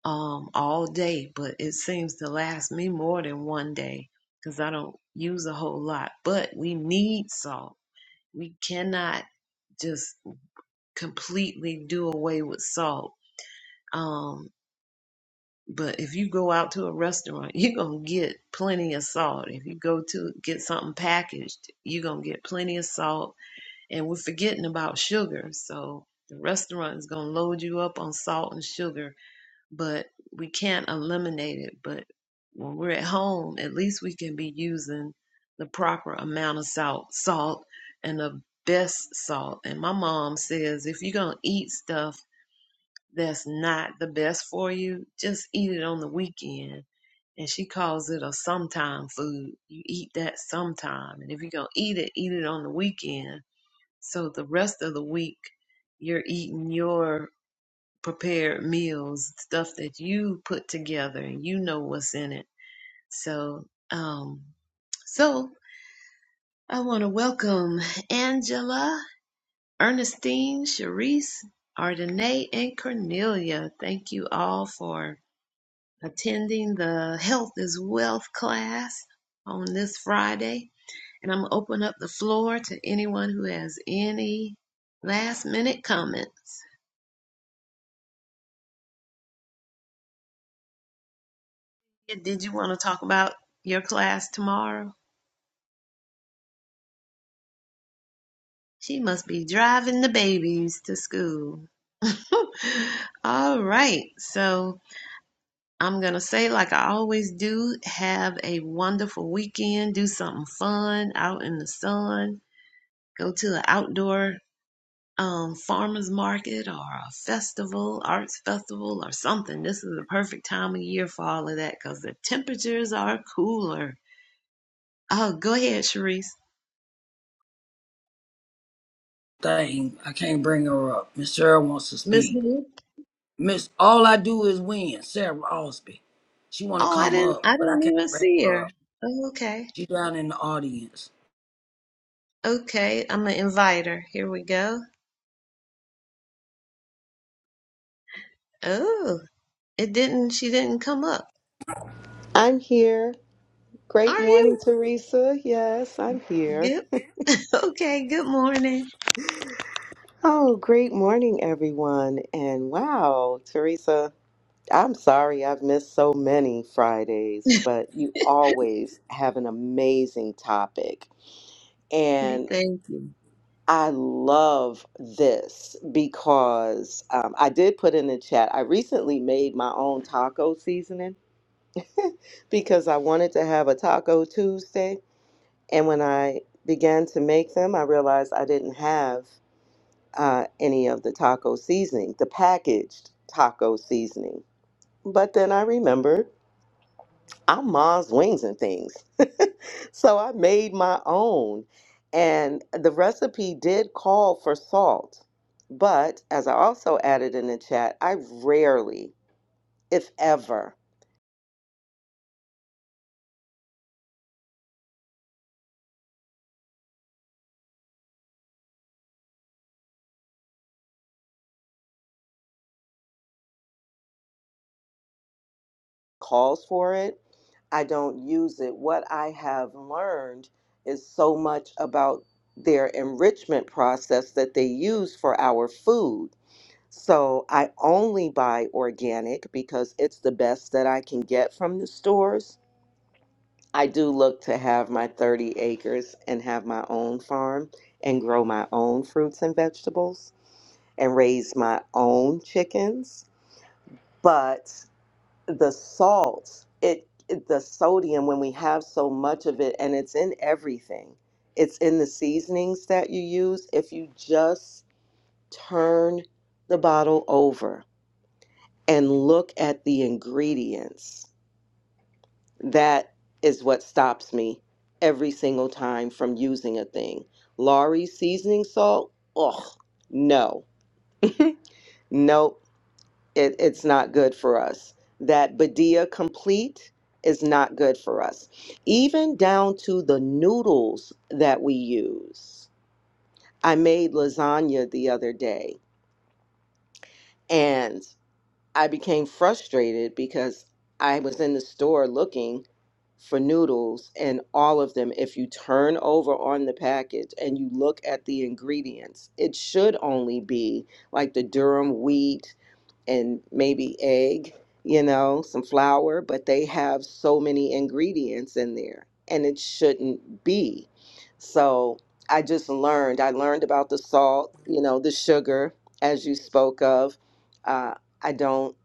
[SPEAKER 1] um, all day. But it seems to last me more than one day because I don't use a whole lot. But we need salt we cannot just completely do away with salt. Um, but if you go out to a restaurant, [LAUGHS] you're gonna get plenty of salt. If you go to get something packaged, you're gonna get plenty of salt. And we're forgetting about sugar, so the restaurant is gonna load you up on salt and sugar but we can't eliminate it. But when we're at home, at least we can be using the proper amount of salt, salt, and the best salt. And my mom says if you're gonna eat stuff that's not the best for you, just eat it on the weekend. And she calls it a sometime food. You eat that sometime. And if you're gonna eat it, eat it on the weekend. So the rest of the week, you're eating your prepared meals, stuff that you put together and you know what's in it. So, um, so I want to welcome Angela, Ernestine, Sharice, Ardenae, and Cornelia. Thank you all for attending the Health is Wealth class on this Friday. And I'm going to open up the floor to anyone who has any last minute comments. Did you want to talk about your class tomorrow? She must be driving the babies to school. [LAUGHS] All right. So I'm going to say, like I always do, have a wonderful weekend. Do something fun out in the sun. Go to an outdoor um, farmer's market or a festival, arts festival or something. This is the perfect time of year for all of that because the temperatures are cooler. Oh, go ahead, Sharice.
[SPEAKER 3] Dang, I can't bring her up. Miss Sarah wants to
[SPEAKER 1] Miss
[SPEAKER 3] speak.
[SPEAKER 1] Hoop.
[SPEAKER 3] Miss, all I do is win. Sarah Osby. She want to
[SPEAKER 1] Oh, I
[SPEAKER 3] come
[SPEAKER 1] didn't.
[SPEAKER 3] up,
[SPEAKER 1] I
[SPEAKER 3] but I
[SPEAKER 1] don't
[SPEAKER 3] can't
[SPEAKER 1] even
[SPEAKER 3] bring
[SPEAKER 1] see
[SPEAKER 3] her up.
[SPEAKER 1] her. Oh, okay.
[SPEAKER 3] She down in the audience.
[SPEAKER 1] Okay, I'm gonna invite her. Here we go. Oh, it didn't, she didn't come up.
[SPEAKER 5] I'm here. Great
[SPEAKER 1] Are you?
[SPEAKER 5] morning, Teresa. Yes, I'm here.
[SPEAKER 1] Good. [LAUGHS] Okay, good morning.
[SPEAKER 5] Oh, great morning, everyone. And wow, Teresa, I'm sorry I've missed so many
[SPEAKER 1] [LAUGHS]
[SPEAKER 5] Fridays,
[SPEAKER 1] Thank
[SPEAKER 5] but you always have an amazing topic. And
[SPEAKER 1] you.
[SPEAKER 5] I love this because um, I did put in the chat, I recently made my own taco seasoning because I wanted to have a Taco Tuesday And when I began to make them, I realized I didn't have uh, any of the taco seasoning, the packaged taco seasoning. But then I remembered I'm mom's wings and things. [LAUGHS] So I made my own. And the recipe did call for salt. But as I also added in the chat, I rarely, if ever, calls for it I don't use it. What I have learned is so much about their enrichment process that they use for our food. So I only buy organic because it's the best that I can get from the stores. I do look to have my 30 acres and have my own farm and grow my own fruits and vegetables and raise my own chickens. But the salts it the sodium when we have so much of it and it's in everything it's in the seasonings that you use if you just turn the bottle over and look at the ingredients that is what stops me every single time from using a thing Laurie's seasoning salt ugh no [LAUGHS] Nope, it, it's not good for us. That Badia complete is not good for us. Even down to the noodles that we use. I made lasagna the other day and I became frustrated because I was in the store looking for noodles and all of them if you turn over on the package and you look at the ingredients it should only be like the durum wheat and maybe egg, you know, some flour, but they have so many ingredients in there and it shouldn't be. So I just learned. I learned about the salt, you know, the sugar, as you spoke of. Uh, I don't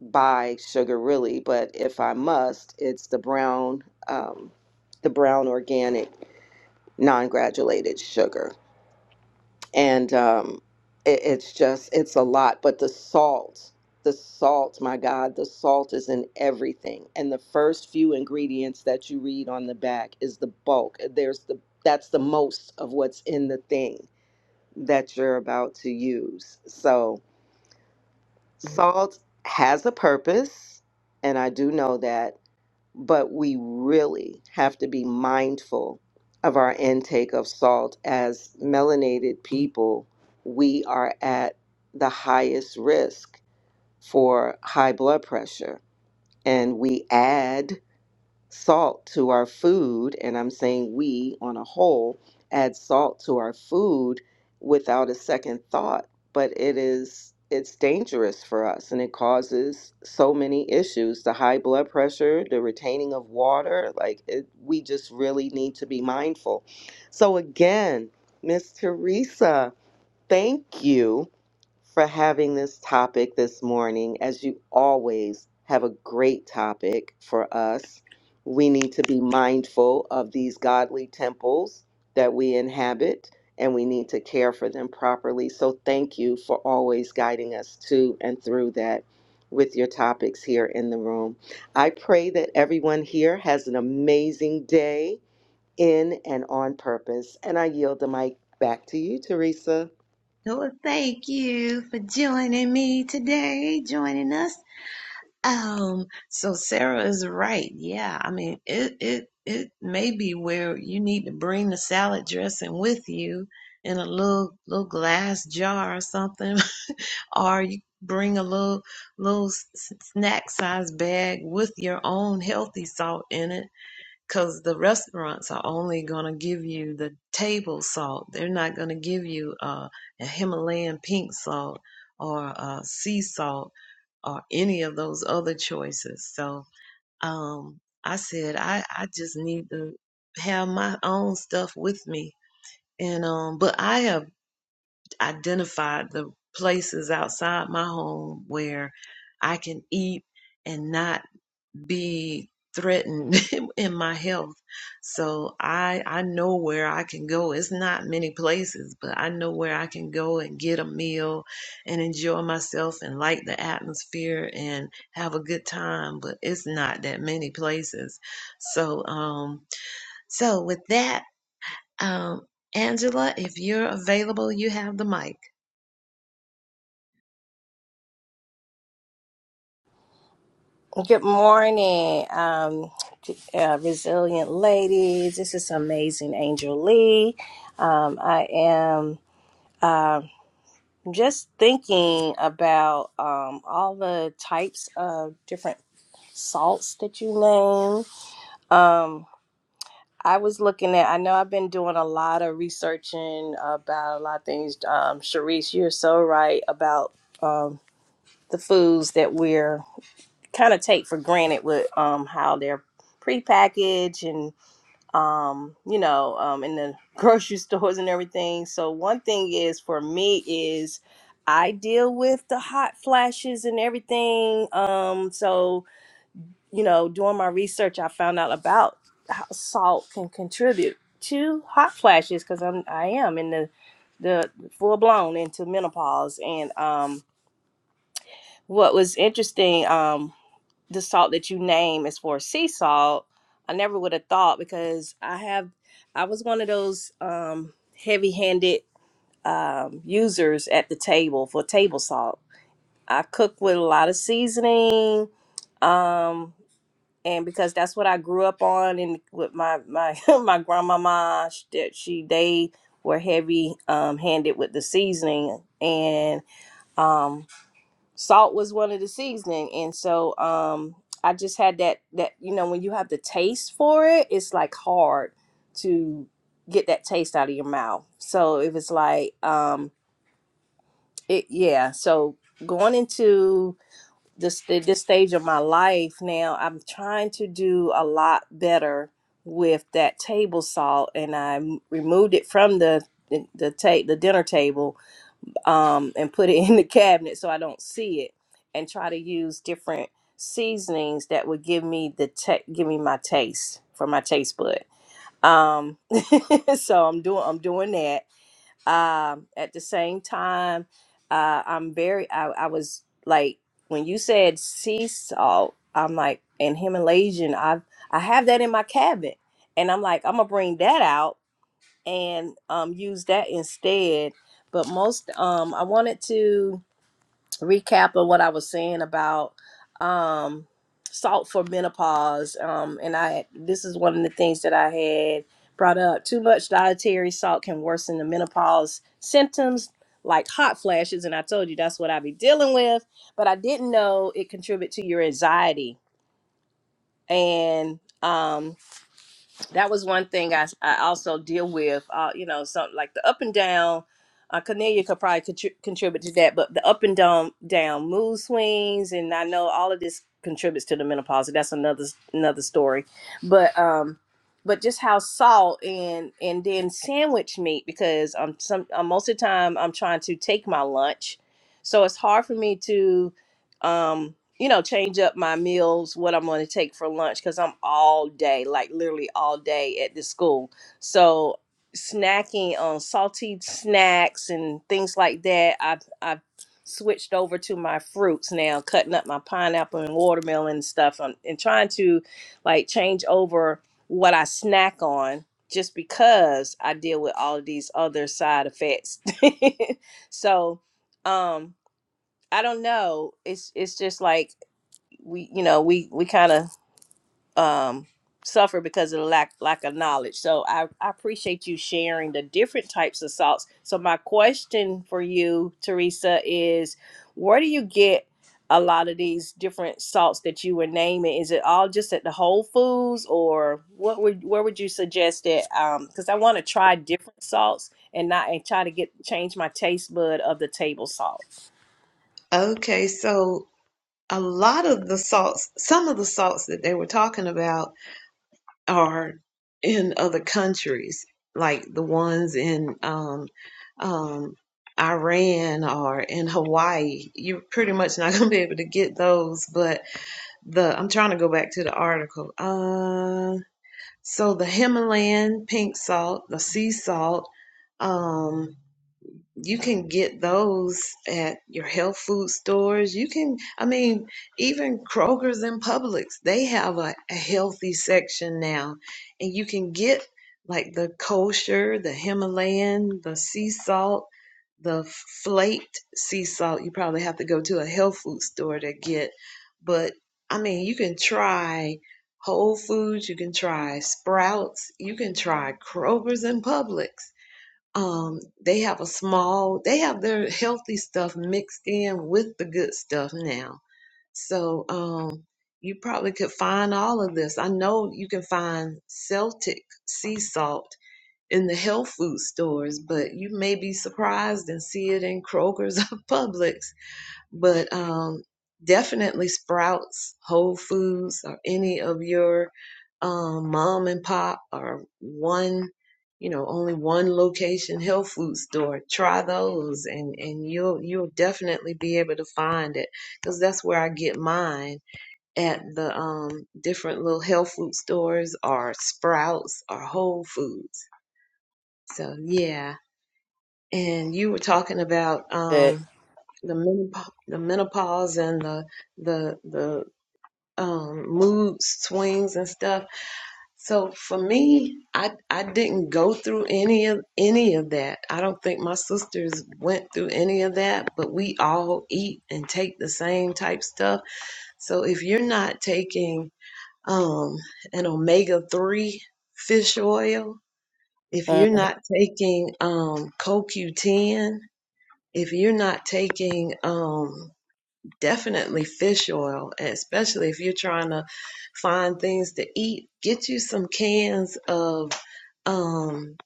[SPEAKER 5] buy sugar really, but if I must, it's the brown, um, the brown organic non-granulated sugar and um, it, it's just it's a lot but the salt the salt my god the salt is in everything and the first few ingredients that you read on the back is the bulk there's the that's the most of what's in the thing that you're about to use so salt has a purpose and i do know that but we really have to be mindful of our intake of salt. As melanated people, we are at the highest risk for high blood pressure, and we add salt to our food, and I'm saying we on a whole add salt to our food without a second thought, but it is it's dangerous for us and it causes so many issues the high blood pressure the retaining of water like it, we just really need to be mindful so again miss teresa Thank you for having this topic this morning. As you always have a great topic for us. We need to be mindful of these godly temples that we inhabit and we need to care for them properly. So thank you for always guiding us to and through that with your topics here in the room. I pray that everyone here has an amazing day in and on purpose. And I yield the mic back to you, Teresa.
[SPEAKER 1] Well, thank you for joining me today, joining us. Um, so Sarah is right. Yeah, I mean, it it it may be where you need to bring the salad dressing with you in a little little glass jar or something. [LAUGHS] or you bring a little little snack size bag with your own healthy salt in it because the restaurants are only going to give you the table salt they're not going to give you uh, a himalayan pink salt or uh, sea salt or any of those other choices so um, i said I, I just need to have my own stuff with me and um but i have identified the places outside my home where I can eat and not be threatened [LAUGHS] in my health. So I I know where I can go. It's not many places, but I know where I can go and get a meal and enjoy myself and like the atmosphere and have a good time, but it's not that many places. So um so with that um Angela, if you're available, you have the mic.
[SPEAKER 6] Good morning, um, uh, resilient ladies. This is amazing, Angel Lee. Um, I am uh, just thinking about um, all the types of different salts that you name. Um, I was looking at. I know I've been doing a lot of researching about a lot of things. Um, Sharice, you're so right about um, the foods that we're kind of take for granted with um how they're prepackaged and um you know um in the [LAUGHS] grocery stores and everything. So one thing is for me is I deal with the hot flashes and everything. Um so you know doing my research I found out about how salt can contribute to hot flashes cuz I'm I am in the the full blown into menopause and um what was interesting um, the salt that you name is for sea salt. I never would have thought because I have I was one of those um heavy-handed um users at the table for table salt. I cook with a lot of seasoning um and because that's what I grew up on and with my my [LAUGHS] my grandmama she, did- she they were heavy um handed with the seasoning and um, salt was one of the seasoning and so um i just had that that you know when you have the taste for it it's like hard to get that taste out of your mouth so it was like um it yeah so going into this this stage of my life now i'm trying to do a lot better with that table salt and i m- removed it from the the the, ta- the dinner table um, and put it [LAUGHS] in the cabinet so I don't see it, and try to use different seasonings that would give me the te- give me my taste for my taste bud. Um, [LAUGHS] so I'm doing I'm doing that. Um, at the same time, uh, I'm very I, I was like when you said sea salt, I'm like and Himalayan. I I have that in my cabinet, and I'm like I'm gonna bring that out and um, use that instead. But most um, I wanted to recap of what I was saying about um, salt for menopause. Um, and I this is one of the things that I had brought up. Too much dietary salt can worsen the menopause symptoms like hot flashes, and I told you that's what I be dealing with. But I didn't know it contribute to your anxiety and. um, that was one thing I, I also deal with. Uh, you know, something like the up and down. Uh, Cornelia could probably contri- contribute to that, but the up and down down mood swings, and I know all of this contributes to the menopause. That's another another story, but um, but just how salt and and then sandwich meat because I'm some i most of the time I'm trying to take my lunch, so it's hard for me to um you know, change up my meals, what I'm going to take for lunch, because I'm all day, like literally all day at this school. So snacking on salty snacks and things like that, I've, I've switched over to my fruits now, cutting up my pineapple and watermelon and stuff and, and trying to like change over what I snack on just because I deal with all of these other side effects. [LAUGHS] so, um, I don't know. It's it's just like we you know we we kind of um suffer because of the lack lack of knowledge so I, I appreciate you sharing the different types of salts so my question for you teresa is where do you get a lot of these different salts that you were naming is it all just at the whole foods or what would where would you suggest that um because i want to try different salts and not and try to get change my taste bud of the table salt
[SPEAKER 1] Okay, so a lot of the salts, some of the salts that they were talking about are in other countries, like the ones in um, um, Iran or in Hawaii. You're pretty much not [LAUGHS] going to be able to get those, but the I'm trying to go back to the article. Uh, so the Himalayan pink salt, the sea salt, um, you can get those at your health food stores. You can, I mean, even Kroger's and Publix, they have a, a healthy section now. And you can get like the kosher, the Himalayan, the sea salt, the flaked sea salt. You probably have to go to a health food store to get. But I mean, you can try Whole Foods, you can try Sprouts, you can try Kroger's and Publix um they have a small they have their healthy stuff mixed in with the good stuff now so um you probably could find all of this i know you can find celtic sea salt in the health food stores but you may be surprised and see it in kroger's [LAUGHS] or publix but um, definitely Sprouts, Whole Foods, or any of your um, mom and pop or one, you know, only one location health food store. Try those, and and you'll you'll definitely be able to find it because that's where I get mine at the um, different little health food stores or Sprouts or Whole Foods. So yeah. And you were talking about
[SPEAKER 6] good
[SPEAKER 1] um, the menopause, the menopause and the the the um, mood swings and stuff. So for me, I I didn't go through any of any of that. I don't think my sisters went through any of that. But we all eat and take the same type stuff. So if you're not taking um, an omega three fish oil, if you're
[SPEAKER 6] Mhm,
[SPEAKER 1] not taking um, CoQ10, if you're not taking um, definitely fish oil, especially if you're trying to find things to eat. Get you some cans of, um,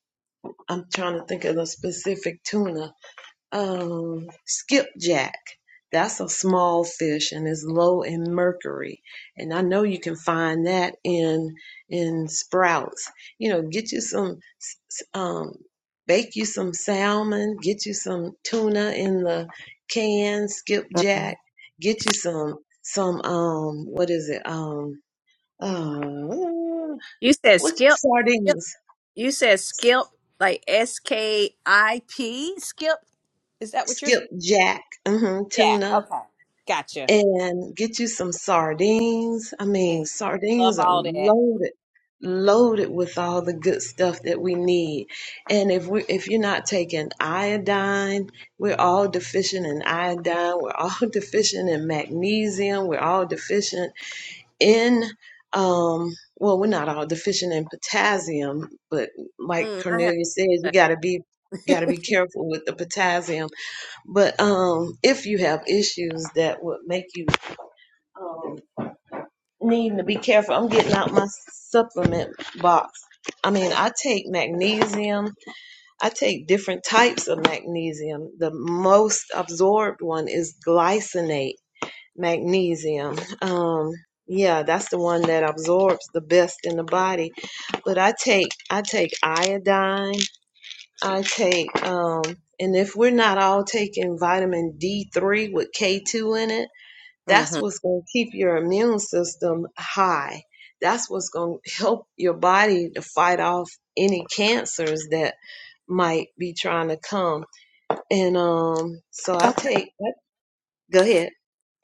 [SPEAKER 1] I'm trying to think of the specific tuna, um, skipjack. That's a small fish and is low in mercury. And I know you can find that in in sprouts. You know, get you some um, bake you some salmon, get you some tuna in the can, skipjack,
[SPEAKER 6] mhm.
[SPEAKER 1] get you some some um what is it? Um uh
[SPEAKER 6] you said
[SPEAKER 1] what
[SPEAKER 6] skip
[SPEAKER 1] sardines,
[SPEAKER 6] You said skip, like S K I P. Skip. Is that what you're saying?
[SPEAKER 1] skipjack, mhm,
[SPEAKER 6] Yeah.
[SPEAKER 1] tuna
[SPEAKER 6] Okay. Gotcha.
[SPEAKER 1] and get you some sardines. I
[SPEAKER 6] Yeah.
[SPEAKER 1] mean, sardines
[SPEAKER 6] Love
[SPEAKER 1] are
[SPEAKER 6] all that.
[SPEAKER 1] loaded, loaded with all the good stuff that we need. And if we if you're not taking iodine, we're all deficient in iodine, we're all [LAUGHS] deficient in magnesium, we're all deficient in um well, we're not all deficient in potassium, but like
[SPEAKER 6] Mm, I have.
[SPEAKER 1] Cornelia says, you gotta be gotta be careful with the potassium. But um, if you have issues that would make you um, needing to be careful. I'm getting out my supplement box. I mean, I take magnesium. I take different types of magnesium. The most absorbed one is glycinate magnesium. Um, yeah, that's the one that absorbs the best in the body. But I take I take iodine. I take um, and if we're not all taking vitamin D3 with K2 in it that's
[SPEAKER 6] Mm-hmm.
[SPEAKER 1] what's going to keep your immune system high. That's what's going to help your body to fight off any cancers that might be trying to come. And um, so I
[SPEAKER 6] Okay.
[SPEAKER 1] take. Go ahead.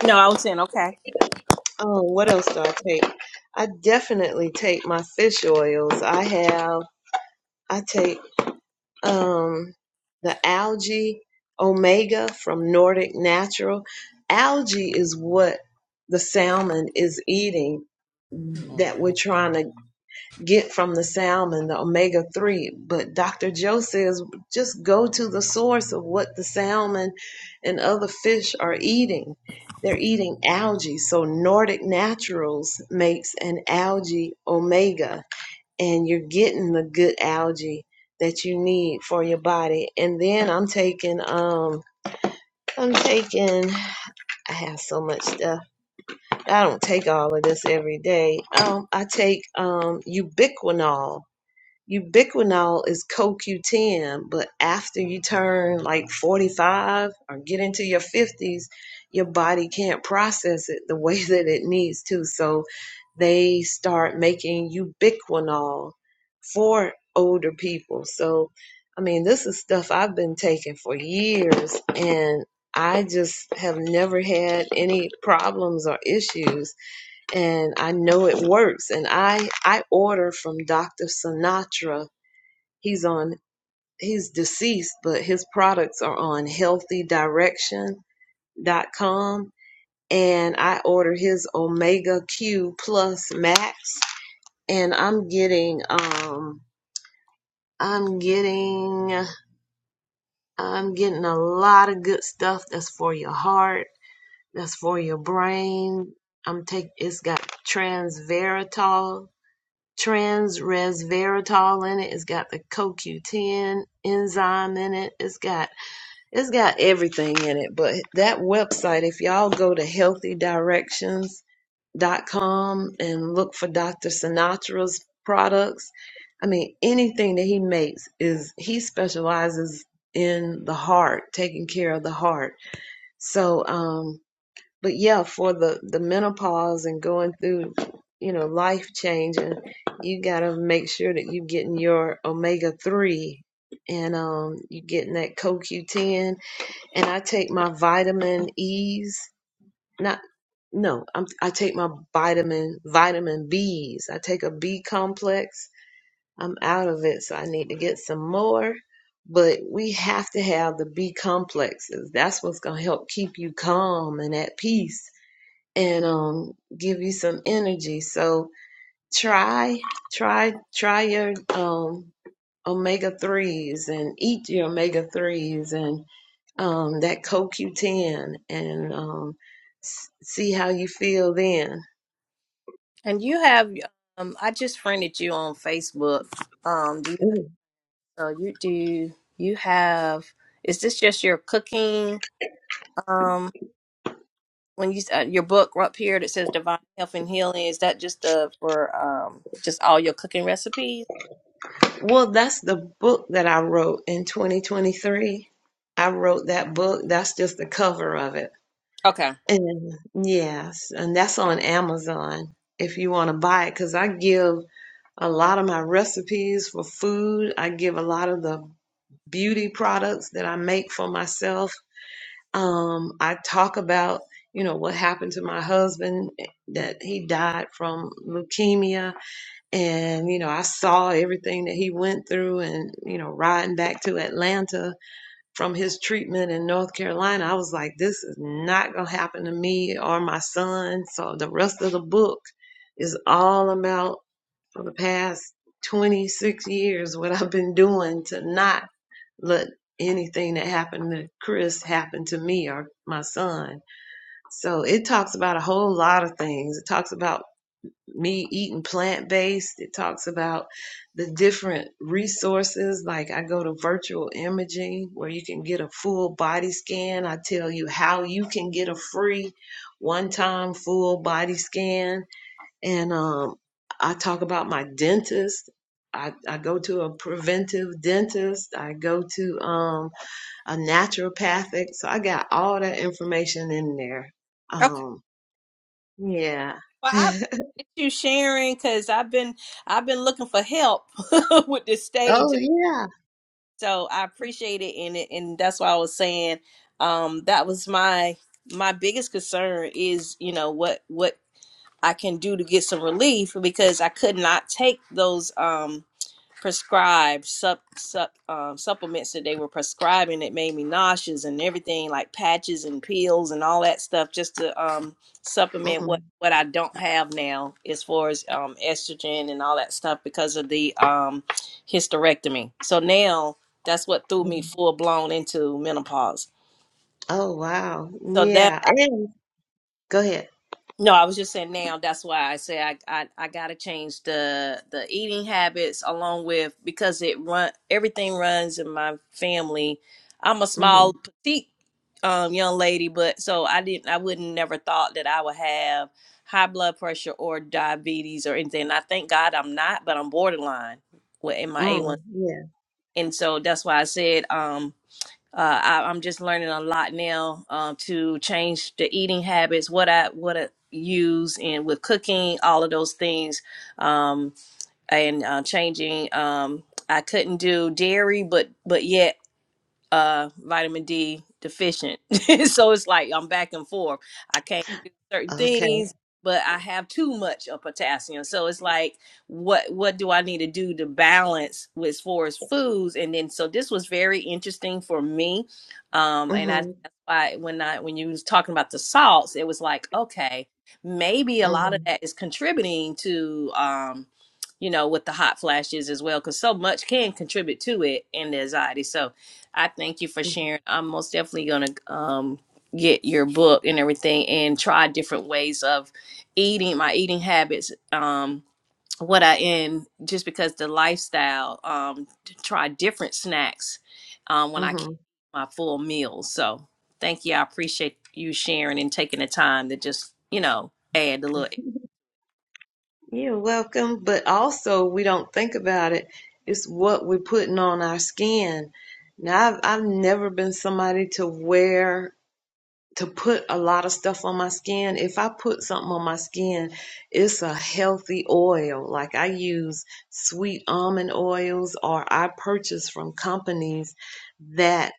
[SPEAKER 6] No, I was saying okay.
[SPEAKER 1] Um, what else do I take? I definitely take my fish oils. I have. I take. um, the algae omega from Nordic Natural. Algae is what the salmon is eating that we're trying to get from the salmon, the omega 3. But Dr. Joe says just go to the source of what the salmon and other fish are eating. They're eating algae. So Nordic Naturals makes an algae omega and you're getting the good algae that you need for your body. And then I'm taking um I'm taking I have so much stuff. I don't take all of this every day. Um I take um ubiquinol ubiquinol is CoQ10, but after you turn like 45 or get into your 50s, your body can't process it the [LAUGHS] way that it needs to. So they start making ubiquinol for older people. So, I mean, this is stuff I've been taking for years and I just have never had any problems or issues and I know it works. And I I order from Dr. Sinatra He's on he's deceased, but his products are on healthydirection.com and I order his Omega Q Plus Max and I'm getting um I'm getting I'm getting a lot of good stuff that's for your heart, that's for your brain. I'm take it's got transveratol, transresveratrol in it. It's got the CoQ10 enzyme in it. It's got It's got everything in it, but that website, if y'all go to healthydirections.com and look for Dr. Sinatra's products, I mean, anything that he makes is he specializes in the heart, taking care of the heart. So, um, but yeah, for the the menopause and going through, you know, life changing, you gotta make sure that you're getting your omega three and um you're getting that CoQ ten and I take my vitamin E's. Not no, I'm, I take my vitamin vitamin B's. I take a B complex. I'm out of it, so I need to get some more. But we have to have the B complexes. That's what's gonna help keep you calm and at peace, and um, give you some energy. So try, try, try your um omega threes and eat your omega threes and um, that CoQ10 and um, s- see how you feel then.
[SPEAKER 6] And you have um I just friended you on Facebook. Um do you
[SPEAKER 1] Mm.
[SPEAKER 6] so you do you have is this just your cooking um when you uh, your book up here that says divine health and healing is that just the for um just all your cooking recipes?
[SPEAKER 1] Well, that's the book that I wrote in 2023. I wrote that book. That's just the cover of it.
[SPEAKER 6] Okay.
[SPEAKER 1] And yes, and that's on Amazon if you want to buy it because I give a lot of my recipes for food. I give a lot of the beauty products that I make for myself. Um, I talk about, you know, what happened to my husband eh, that he died from leukemia. And, you know, I saw everything that he went through and, you know, riding back to Atlanta from his treatment in North Carolina. I was like, this is not going to happen to me or my son. So the rest of the book is all about for the past 26 years what I've been doing to not let anything that happened to Chris happen to me or my son. So it talks about a whole lot of things. It talks about me eating plant based. It talks about the different resources. Like I go to virtual imaging where you can get a full body scan. I tell you how you can get a free one time full body scan. And um, I talk about my dentist. I, I go to a preventive dentist. I go to um, a naturopathic. So I got all that information in there.
[SPEAKER 6] Okay.
[SPEAKER 1] Um, yeah.
[SPEAKER 6] Well, I
[SPEAKER 1] [LAUGHS]
[SPEAKER 6] appreciate you sharing cuz I've been I've been looking for help [LAUGHS] with this stage.
[SPEAKER 1] oh yeah.
[SPEAKER 6] So I appreciate it, and it, and that's why I was saying um, that was my my biggest concern is you know what what I can do to get some relief because I could not take those. Um, prescribed sup, sup, um, supplements that they were prescribing that made me nauseous and everything like patches and pills and all that stuff just to um, supplement what,
[SPEAKER 1] mm
[SPEAKER 6] what I don't have now as far as um, estrogen and all that stuff because of the um, hysterectomy. So now that's what threw me
[SPEAKER 1] mm.
[SPEAKER 6] full blown into menopause.
[SPEAKER 1] Oh wow.
[SPEAKER 6] So now
[SPEAKER 1] Yeah. And go ahead.
[SPEAKER 6] No, I was just saying now. That's why I say I I, I got to change the the eating habits along with because it run everything runs in my family. I'm a small
[SPEAKER 1] hmm
[SPEAKER 6] petite um, young lady, but so I didn't I wouldn't never thought that I would have high blood pressure or diabetes or anything. I thank God I'm not, but I'm borderline with in my A1.
[SPEAKER 1] Mm, yeah.
[SPEAKER 6] And so that's why I said um uh, I, I'm just learning a lot now um, to change the eating habits, what I what I use, and with cooking, all of those things, um, and uh, changing. Um, I couldn't do dairy, but but yet uh vitamin D deficient. [LAUGHS] so it's like I'm back and forth. I can't do certain
[SPEAKER 1] Okay.
[SPEAKER 6] things, but I have too much of potassium. So it's like what what do I need to do to balance with as far as foods? And then so this was very interesting for me. Um and I
[SPEAKER 1] hmm
[SPEAKER 6] that's why when I when you was talking about the salts, it was like, okay, maybe a lot of
[SPEAKER 1] hmm
[SPEAKER 6] that is contributing to um you know, with the hot flashes as well, because so much can contribute to it and the anxiety. So, I thank you for sharing. I'm most definitely gonna um get your book and everything and try different ways of eating my eating habits. Um what I in just because the lifestyle, um, to try different snacks um when I
[SPEAKER 1] hmm
[SPEAKER 6] can my full meals. So thank you. I appreciate you sharing and taking the time to just, you know, add a little
[SPEAKER 1] You're welcome. But also, we don't think about it. It's what we're putting on our skin. Now, I've, I've never been somebody to wear, to put a lot of stuff on my skin. If I put something on my skin, it's a healthy oil. Like I use sweet almond oils, or I purchase from companies that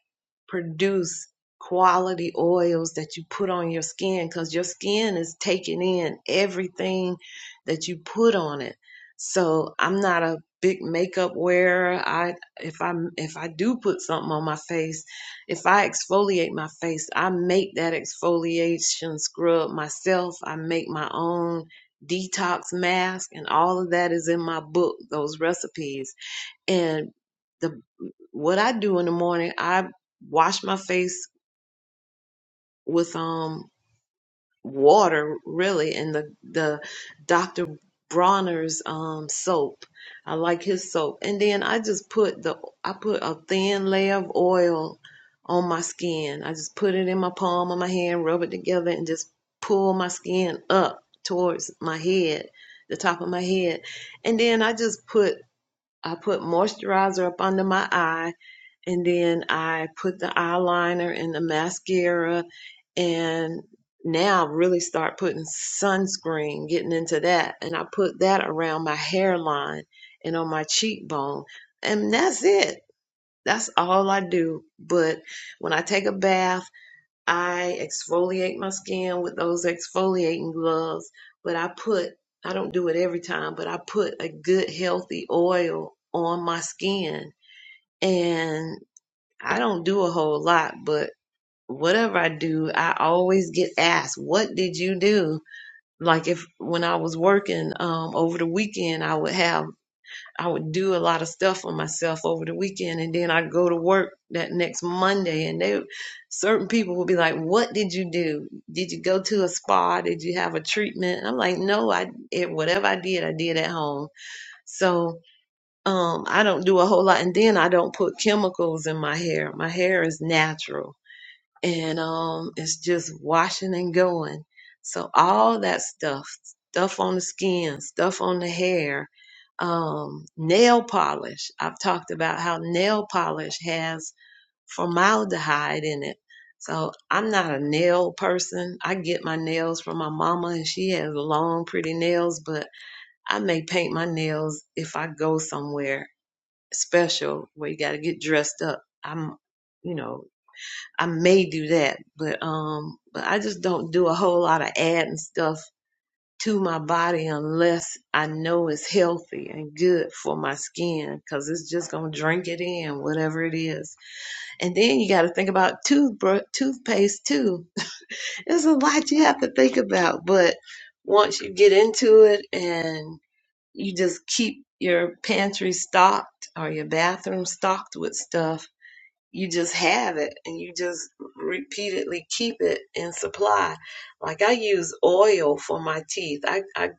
[SPEAKER 1] produce quality oils that you put on your skin because your skin is taking in everything that you put on it. So I'm not a big makeup wearer. I if I if I do put something on my face, if I exfoliate my face, I make that exfoliation scrub myself. I make my own detox mask and all of that is in my book, those recipes and the what I do in the morning, I wash my face with um water really and the the Dr. Bronner's um soap. I like his soap. And then I just put the I put a thin layer of oil on my skin. I just put it in my palm of my hand, rub it together and just pull my skin up towards my head, the top of my head. And then I just put I put moisturizer up under my eye and then I put the eyeliner and the mascara and now really start putting sunscreen, getting into that. And I put that around my hairline and on my cheekbone. And that's it. That's all I do. But when I take a bath, I exfoliate my skin with those exfoliating gloves. But I put, I don't do it every time, but I put a good healthy oil on my skin and. I don't do a whole lot, but whatever I do, I always get asked, "What did you do?" Like if when I was working um, over the weekend, I would have I would do a lot of stuff for myself over the weekend, and then I'd go to work that next Monday, and they certain people would be like, "What did you do? Did you go to a spa? Did you have a treatment?" And I'm like, "No, I it, whatever I did, I did at home." So um, I don't do a whole lot, and then I don't put chemicals in my hair. My hair is natural and um, it's just washing and going. So all that stuff, stuff on the skin, stuff on the hair, um, nail polish. I've talked about how nail polish has formaldehyde in it. So I'm not a nail person. I get my nails from my mama, and she has long, pretty nails. But I may paint my nails if I go somewhere special where you got to get dressed up. I'm, you know, I may do that, but um, but I just don't do a whole lot of adding stuff to my body unless I know it's healthy and good for my skin, cause it's just gonna drink it in, whatever it is. And then you got to think about toothbrush, toothpaste too. [LAUGHS] There's a lot you have to think about, but once you get into it and you just keep your pantry stocked or your bathroom stocked with stuff you just have it and you just repeatedly keep it in supply. Like I use oil for my teeth. I I,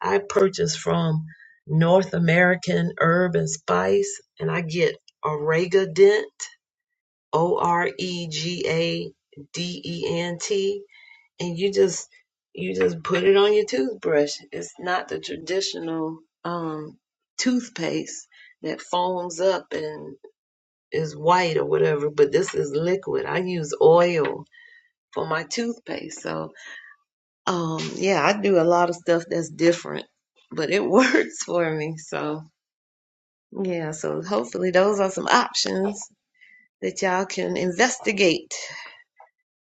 [SPEAKER 1] I purchase from North American Herb and Spice and I get Oregadent. O R E G A D E N T, and you just you just put it on your toothbrush. It's not the traditional um toothpaste that foams up and is white or whatever, but this is liquid. I use oil for my toothpaste. So, um, yeah, I do a lot of stuff that's different, but it [LAUGHS] works for me. So, yeah, so hopefully those are some options that y'all can investigate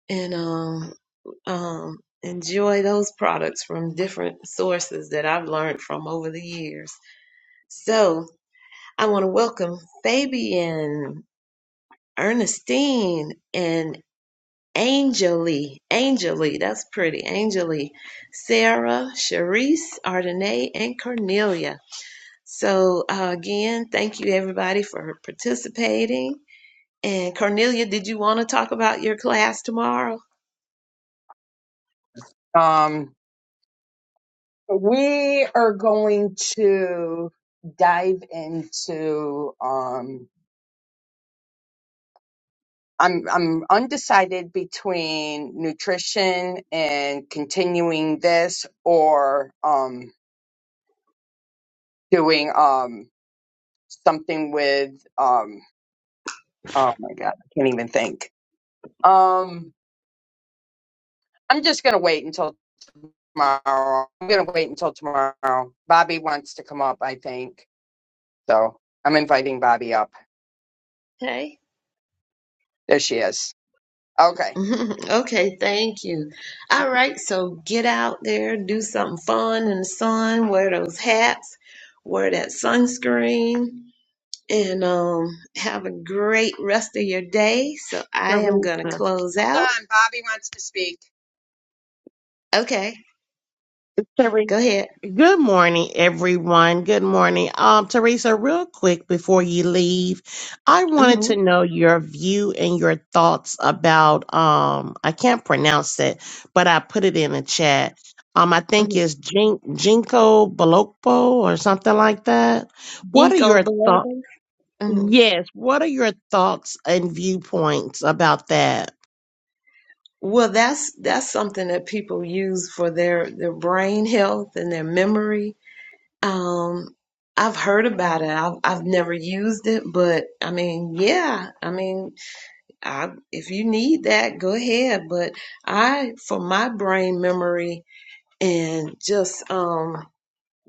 [SPEAKER 1] and um, um, enjoy those products from different sources that I've learned from over the years. So, I want to welcome Fabian, Ernestine, and Angeli, Angeli, that's pretty. Angeli, Sarah, Sharice, Ardenae, and Cornelia. So uh, again, thank you everybody for participating. And Cornelia, did you want to talk about your class tomorrow?
[SPEAKER 2] Um, we are going to dive into um I'm I'm undecided between nutrition and continuing this or um doing um something with um oh my god i can't even think um i'm just gonna wait until tomorrow i'm gonna wait until tomorrow bobby wants to come up i think so i'm inviting bobby up
[SPEAKER 1] Okay.
[SPEAKER 2] there she is okay
[SPEAKER 1] [LAUGHS] Okay, thank you. All right, so get out there, do something fun in the sun, wear those hats, wear that sunscreen, and um, have a great rest of your day. So I am going to
[SPEAKER 7] Teresa.
[SPEAKER 1] close
[SPEAKER 2] hold
[SPEAKER 1] out.
[SPEAKER 2] on bobby wants to speak
[SPEAKER 1] Okay,
[SPEAKER 7] Teresa.
[SPEAKER 1] go ahead.
[SPEAKER 7] Good morning, everyone. Good morning. Um, Teresa, real quick before you leave, I wanted
[SPEAKER 1] Mm-hmm,
[SPEAKER 7] to know your view and your thoughts about um I can't pronounce it, but I put it in the chat. Um, I
[SPEAKER 1] hmm
[SPEAKER 7] think it's Jin- Jinko Balokpo or something like that. What are your
[SPEAKER 1] Ginkgo
[SPEAKER 7] thoughts?
[SPEAKER 1] biloba. hmm
[SPEAKER 7] Yes, what are your thoughts and viewpoints about that?
[SPEAKER 1] Well, that's that's something that people use for their their brain health and their memory. Um, I've heard about it. I've I've never used it, but I mean, yeah. I mean, I, if you need that, go ahead. But I, for my brain memory and just um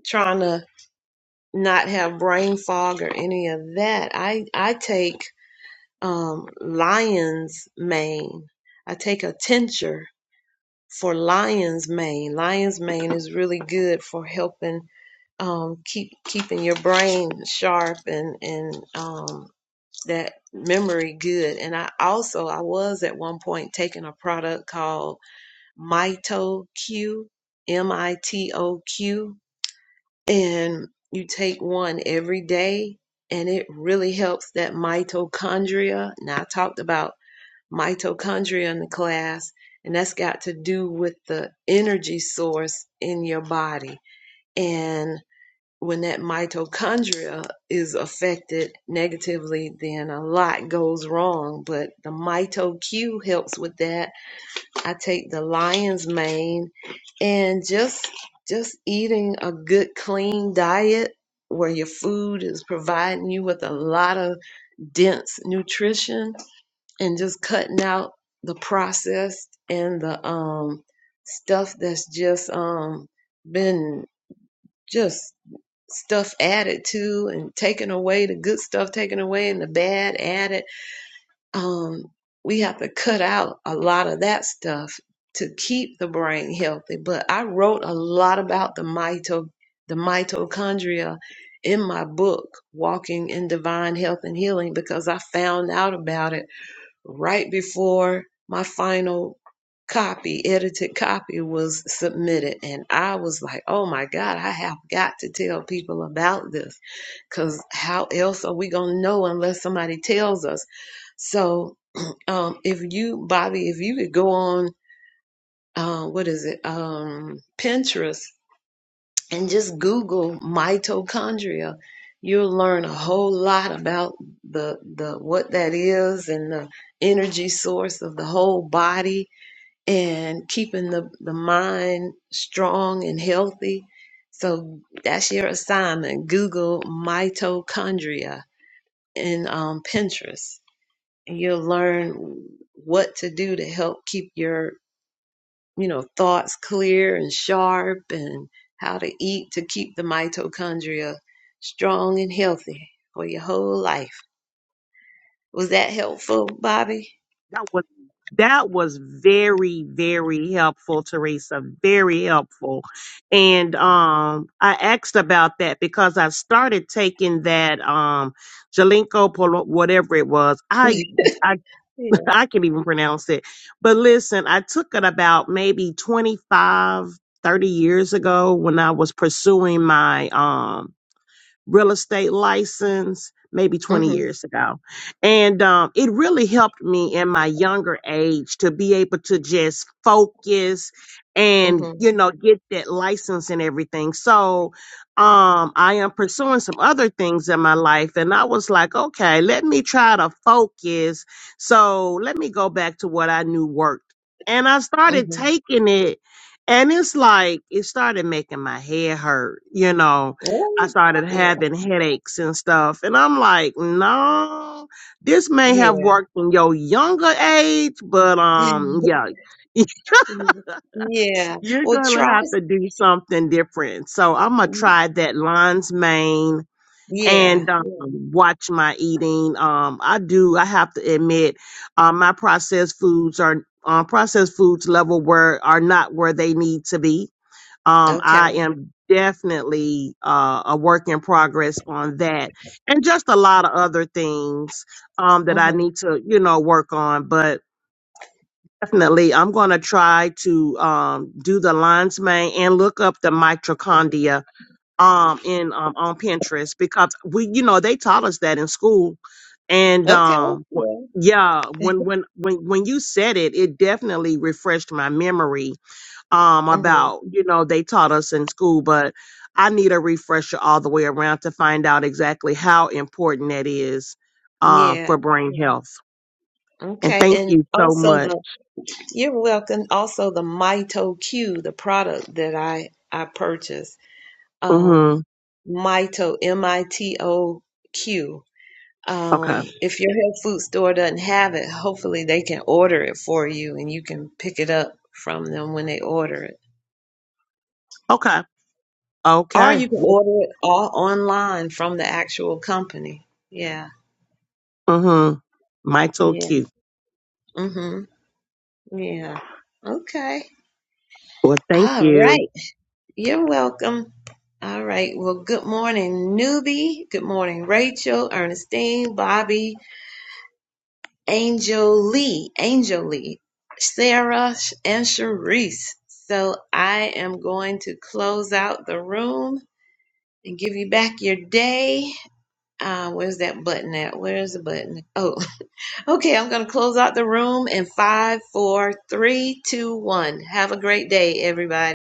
[SPEAKER 1] trying to not have brain fog or any of that, I I take um lion's mane. I take a tincture for lion's mane. Lion's mane is really good for helping um, keep keeping your brain sharp and and um, that memory good. And I also I was at one point taking a product called Mito Q, M I T O Q, and you take one every day, and it really helps that mitochondria. Now I talked about mitochondria in the class. And that's got to do with the energy source in your body. And when that mitochondria is affected negatively, then a lot goes wrong. But the MitoQ helps with that. I take the lion's mane and just just eating a good clean diet where your food is providing you with a lot of dense nutrition and just cutting out the processed and the um stuff that's just um been just stuff added to and taken away, the good stuff taken away and the bad added. Um, we have to cut out a lot of that stuff to keep the brain healthy. But I wrote a lot about the mito the mitochondria in my book, Walking in Divine Health and Healing, because I found out about it right before my final copy, edited copy was submitted. And I was like, oh my God, I have got to tell people about this because how else are we going to know unless somebody tells us? So, [CLEARS THROAT] um, if you, Bobby, if you could go on, uh, what is it? Um, Pinterest and just Google mitochondria, you'll learn a whole lot about the the what that is and the energy source of the whole body and keeping the, the mind strong and healthy. So that's your assignment. Google mitochondria in um, Pinterest. And you'll learn what to do to help keep your you know, thoughts clear and sharp and how to eat to keep the mitochondria strong and healthy for your whole life. Was that helpful, Bobby?
[SPEAKER 7] That was that was very very helpful, Teresa. Very helpful. And um, I asked about that because I started taking that um, Jalinko Polo, whatever it was. I
[SPEAKER 1] [LAUGHS]
[SPEAKER 7] I
[SPEAKER 1] Yeah.
[SPEAKER 7] [LAUGHS] I can't even pronounce it. But listen, I took it about maybe 25 30 years ago when I was pursuing my um real estate license maybe 20
[SPEAKER 1] Mhm.
[SPEAKER 7] years ago. And um, it really helped me in my younger age to be able to just focus and,
[SPEAKER 1] Mhm.
[SPEAKER 7] you know, get that license and everything. So um, I am pursuing some other things in my life. And I was like, okay, let me try to focus. So let me go back to what I knew worked. And I started
[SPEAKER 1] Mhm.
[SPEAKER 7] taking it. And it's like, it started making my head hurt, you know I
[SPEAKER 1] Oh,
[SPEAKER 7] started
[SPEAKER 1] Yeah.
[SPEAKER 7] having headaches and stuff. And I'm like, no, this may have
[SPEAKER 1] Yeah.
[SPEAKER 7] worked in your younger age, but um,
[SPEAKER 1] [LAUGHS]
[SPEAKER 7] yeah, [LAUGHS]
[SPEAKER 1] Yeah.
[SPEAKER 7] you're
[SPEAKER 1] Well,
[SPEAKER 7] gonna
[SPEAKER 1] try.
[SPEAKER 7] have
[SPEAKER 1] s-
[SPEAKER 7] to do something different. So I'm gonna try that lion's mane and
[SPEAKER 1] Yeah.
[SPEAKER 7] um,
[SPEAKER 1] Yeah.
[SPEAKER 7] watch my eating. Um, I do. I have to admit, uh, my processed foods are um, processed foods level where are not where they need to be um,
[SPEAKER 1] Okay.
[SPEAKER 7] I am definitely uh, a work in progress on that, and just a lot of other things um, that I
[SPEAKER 1] Mhm.
[SPEAKER 7] need to, you know, work on. But definitely, I'm going to try to um, do the lion's mane and look up the mitochondria um, in um, on Pinterest because we, you know, they taught us that in school, and
[SPEAKER 1] Okay.
[SPEAKER 7] um, wh-
[SPEAKER 1] Yeah.
[SPEAKER 7] yeah,
[SPEAKER 1] [LAUGHS]
[SPEAKER 7] when when when when you said it, it definitely refreshed my memory um
[SPEAKER 1] Mhm.
[SPEAKER 7] about you know they taught us in school but i need a refresher all the way around to find out exactly how important that is uh, for
[SPEAKER 1] Yeah.
[SPEAKER 7] brain
[SPEAKER 1] Yeah.
[SPEAKER 7] health and
[SPEAKER 1] Okay.
[SPEAKER 7] thank
[SPEAKER 1] And
[SPEAKER 7] you so
[SPEAKER 1] also
[SPEAKER 7] much
[SPEAKER 1] the you're welcome. Also the Mito Q, the product that I I purchased.
[SPEAKER 7] mhm
[SPEAKER 1] Um Mito M I T O Q.
[SPEAKER 7] okay
[SPEAKER 1] Um if your health food store doesn't have it, hopefully they can order it for you and you can pick it up from them when they order it.
[SPEAKER 7] okay
[SPEAKER 1] Or
[SPEAKER 7] okay
[SPEAKER 1] you can order it all online from the actual company. Yeah.
[SPEAKER 7] mhm my tool
[SPEAKER 1] Yeah.
[SPEAKER 7] cute
[SPEAKER 1] Mhm. Yeah. Okay.
[SPEAKER 7] well thank
[SPEAKER 1] All
[SPEAKER 7] you
[SPEAKER 1] right. You're welcome. All right. Well, good morning, newbie. Good morning, Rachel, Ernestine, Bobby, Angel Lee, Angel Lee, Sarah, and Sharice. So I am going to close out the room and give you back your day. Uh, where's that button at? Where's the button? Oh, [LAUGHS] okay. I'm going to close out the room in five, four, three, two, one. Have a great day, everybody.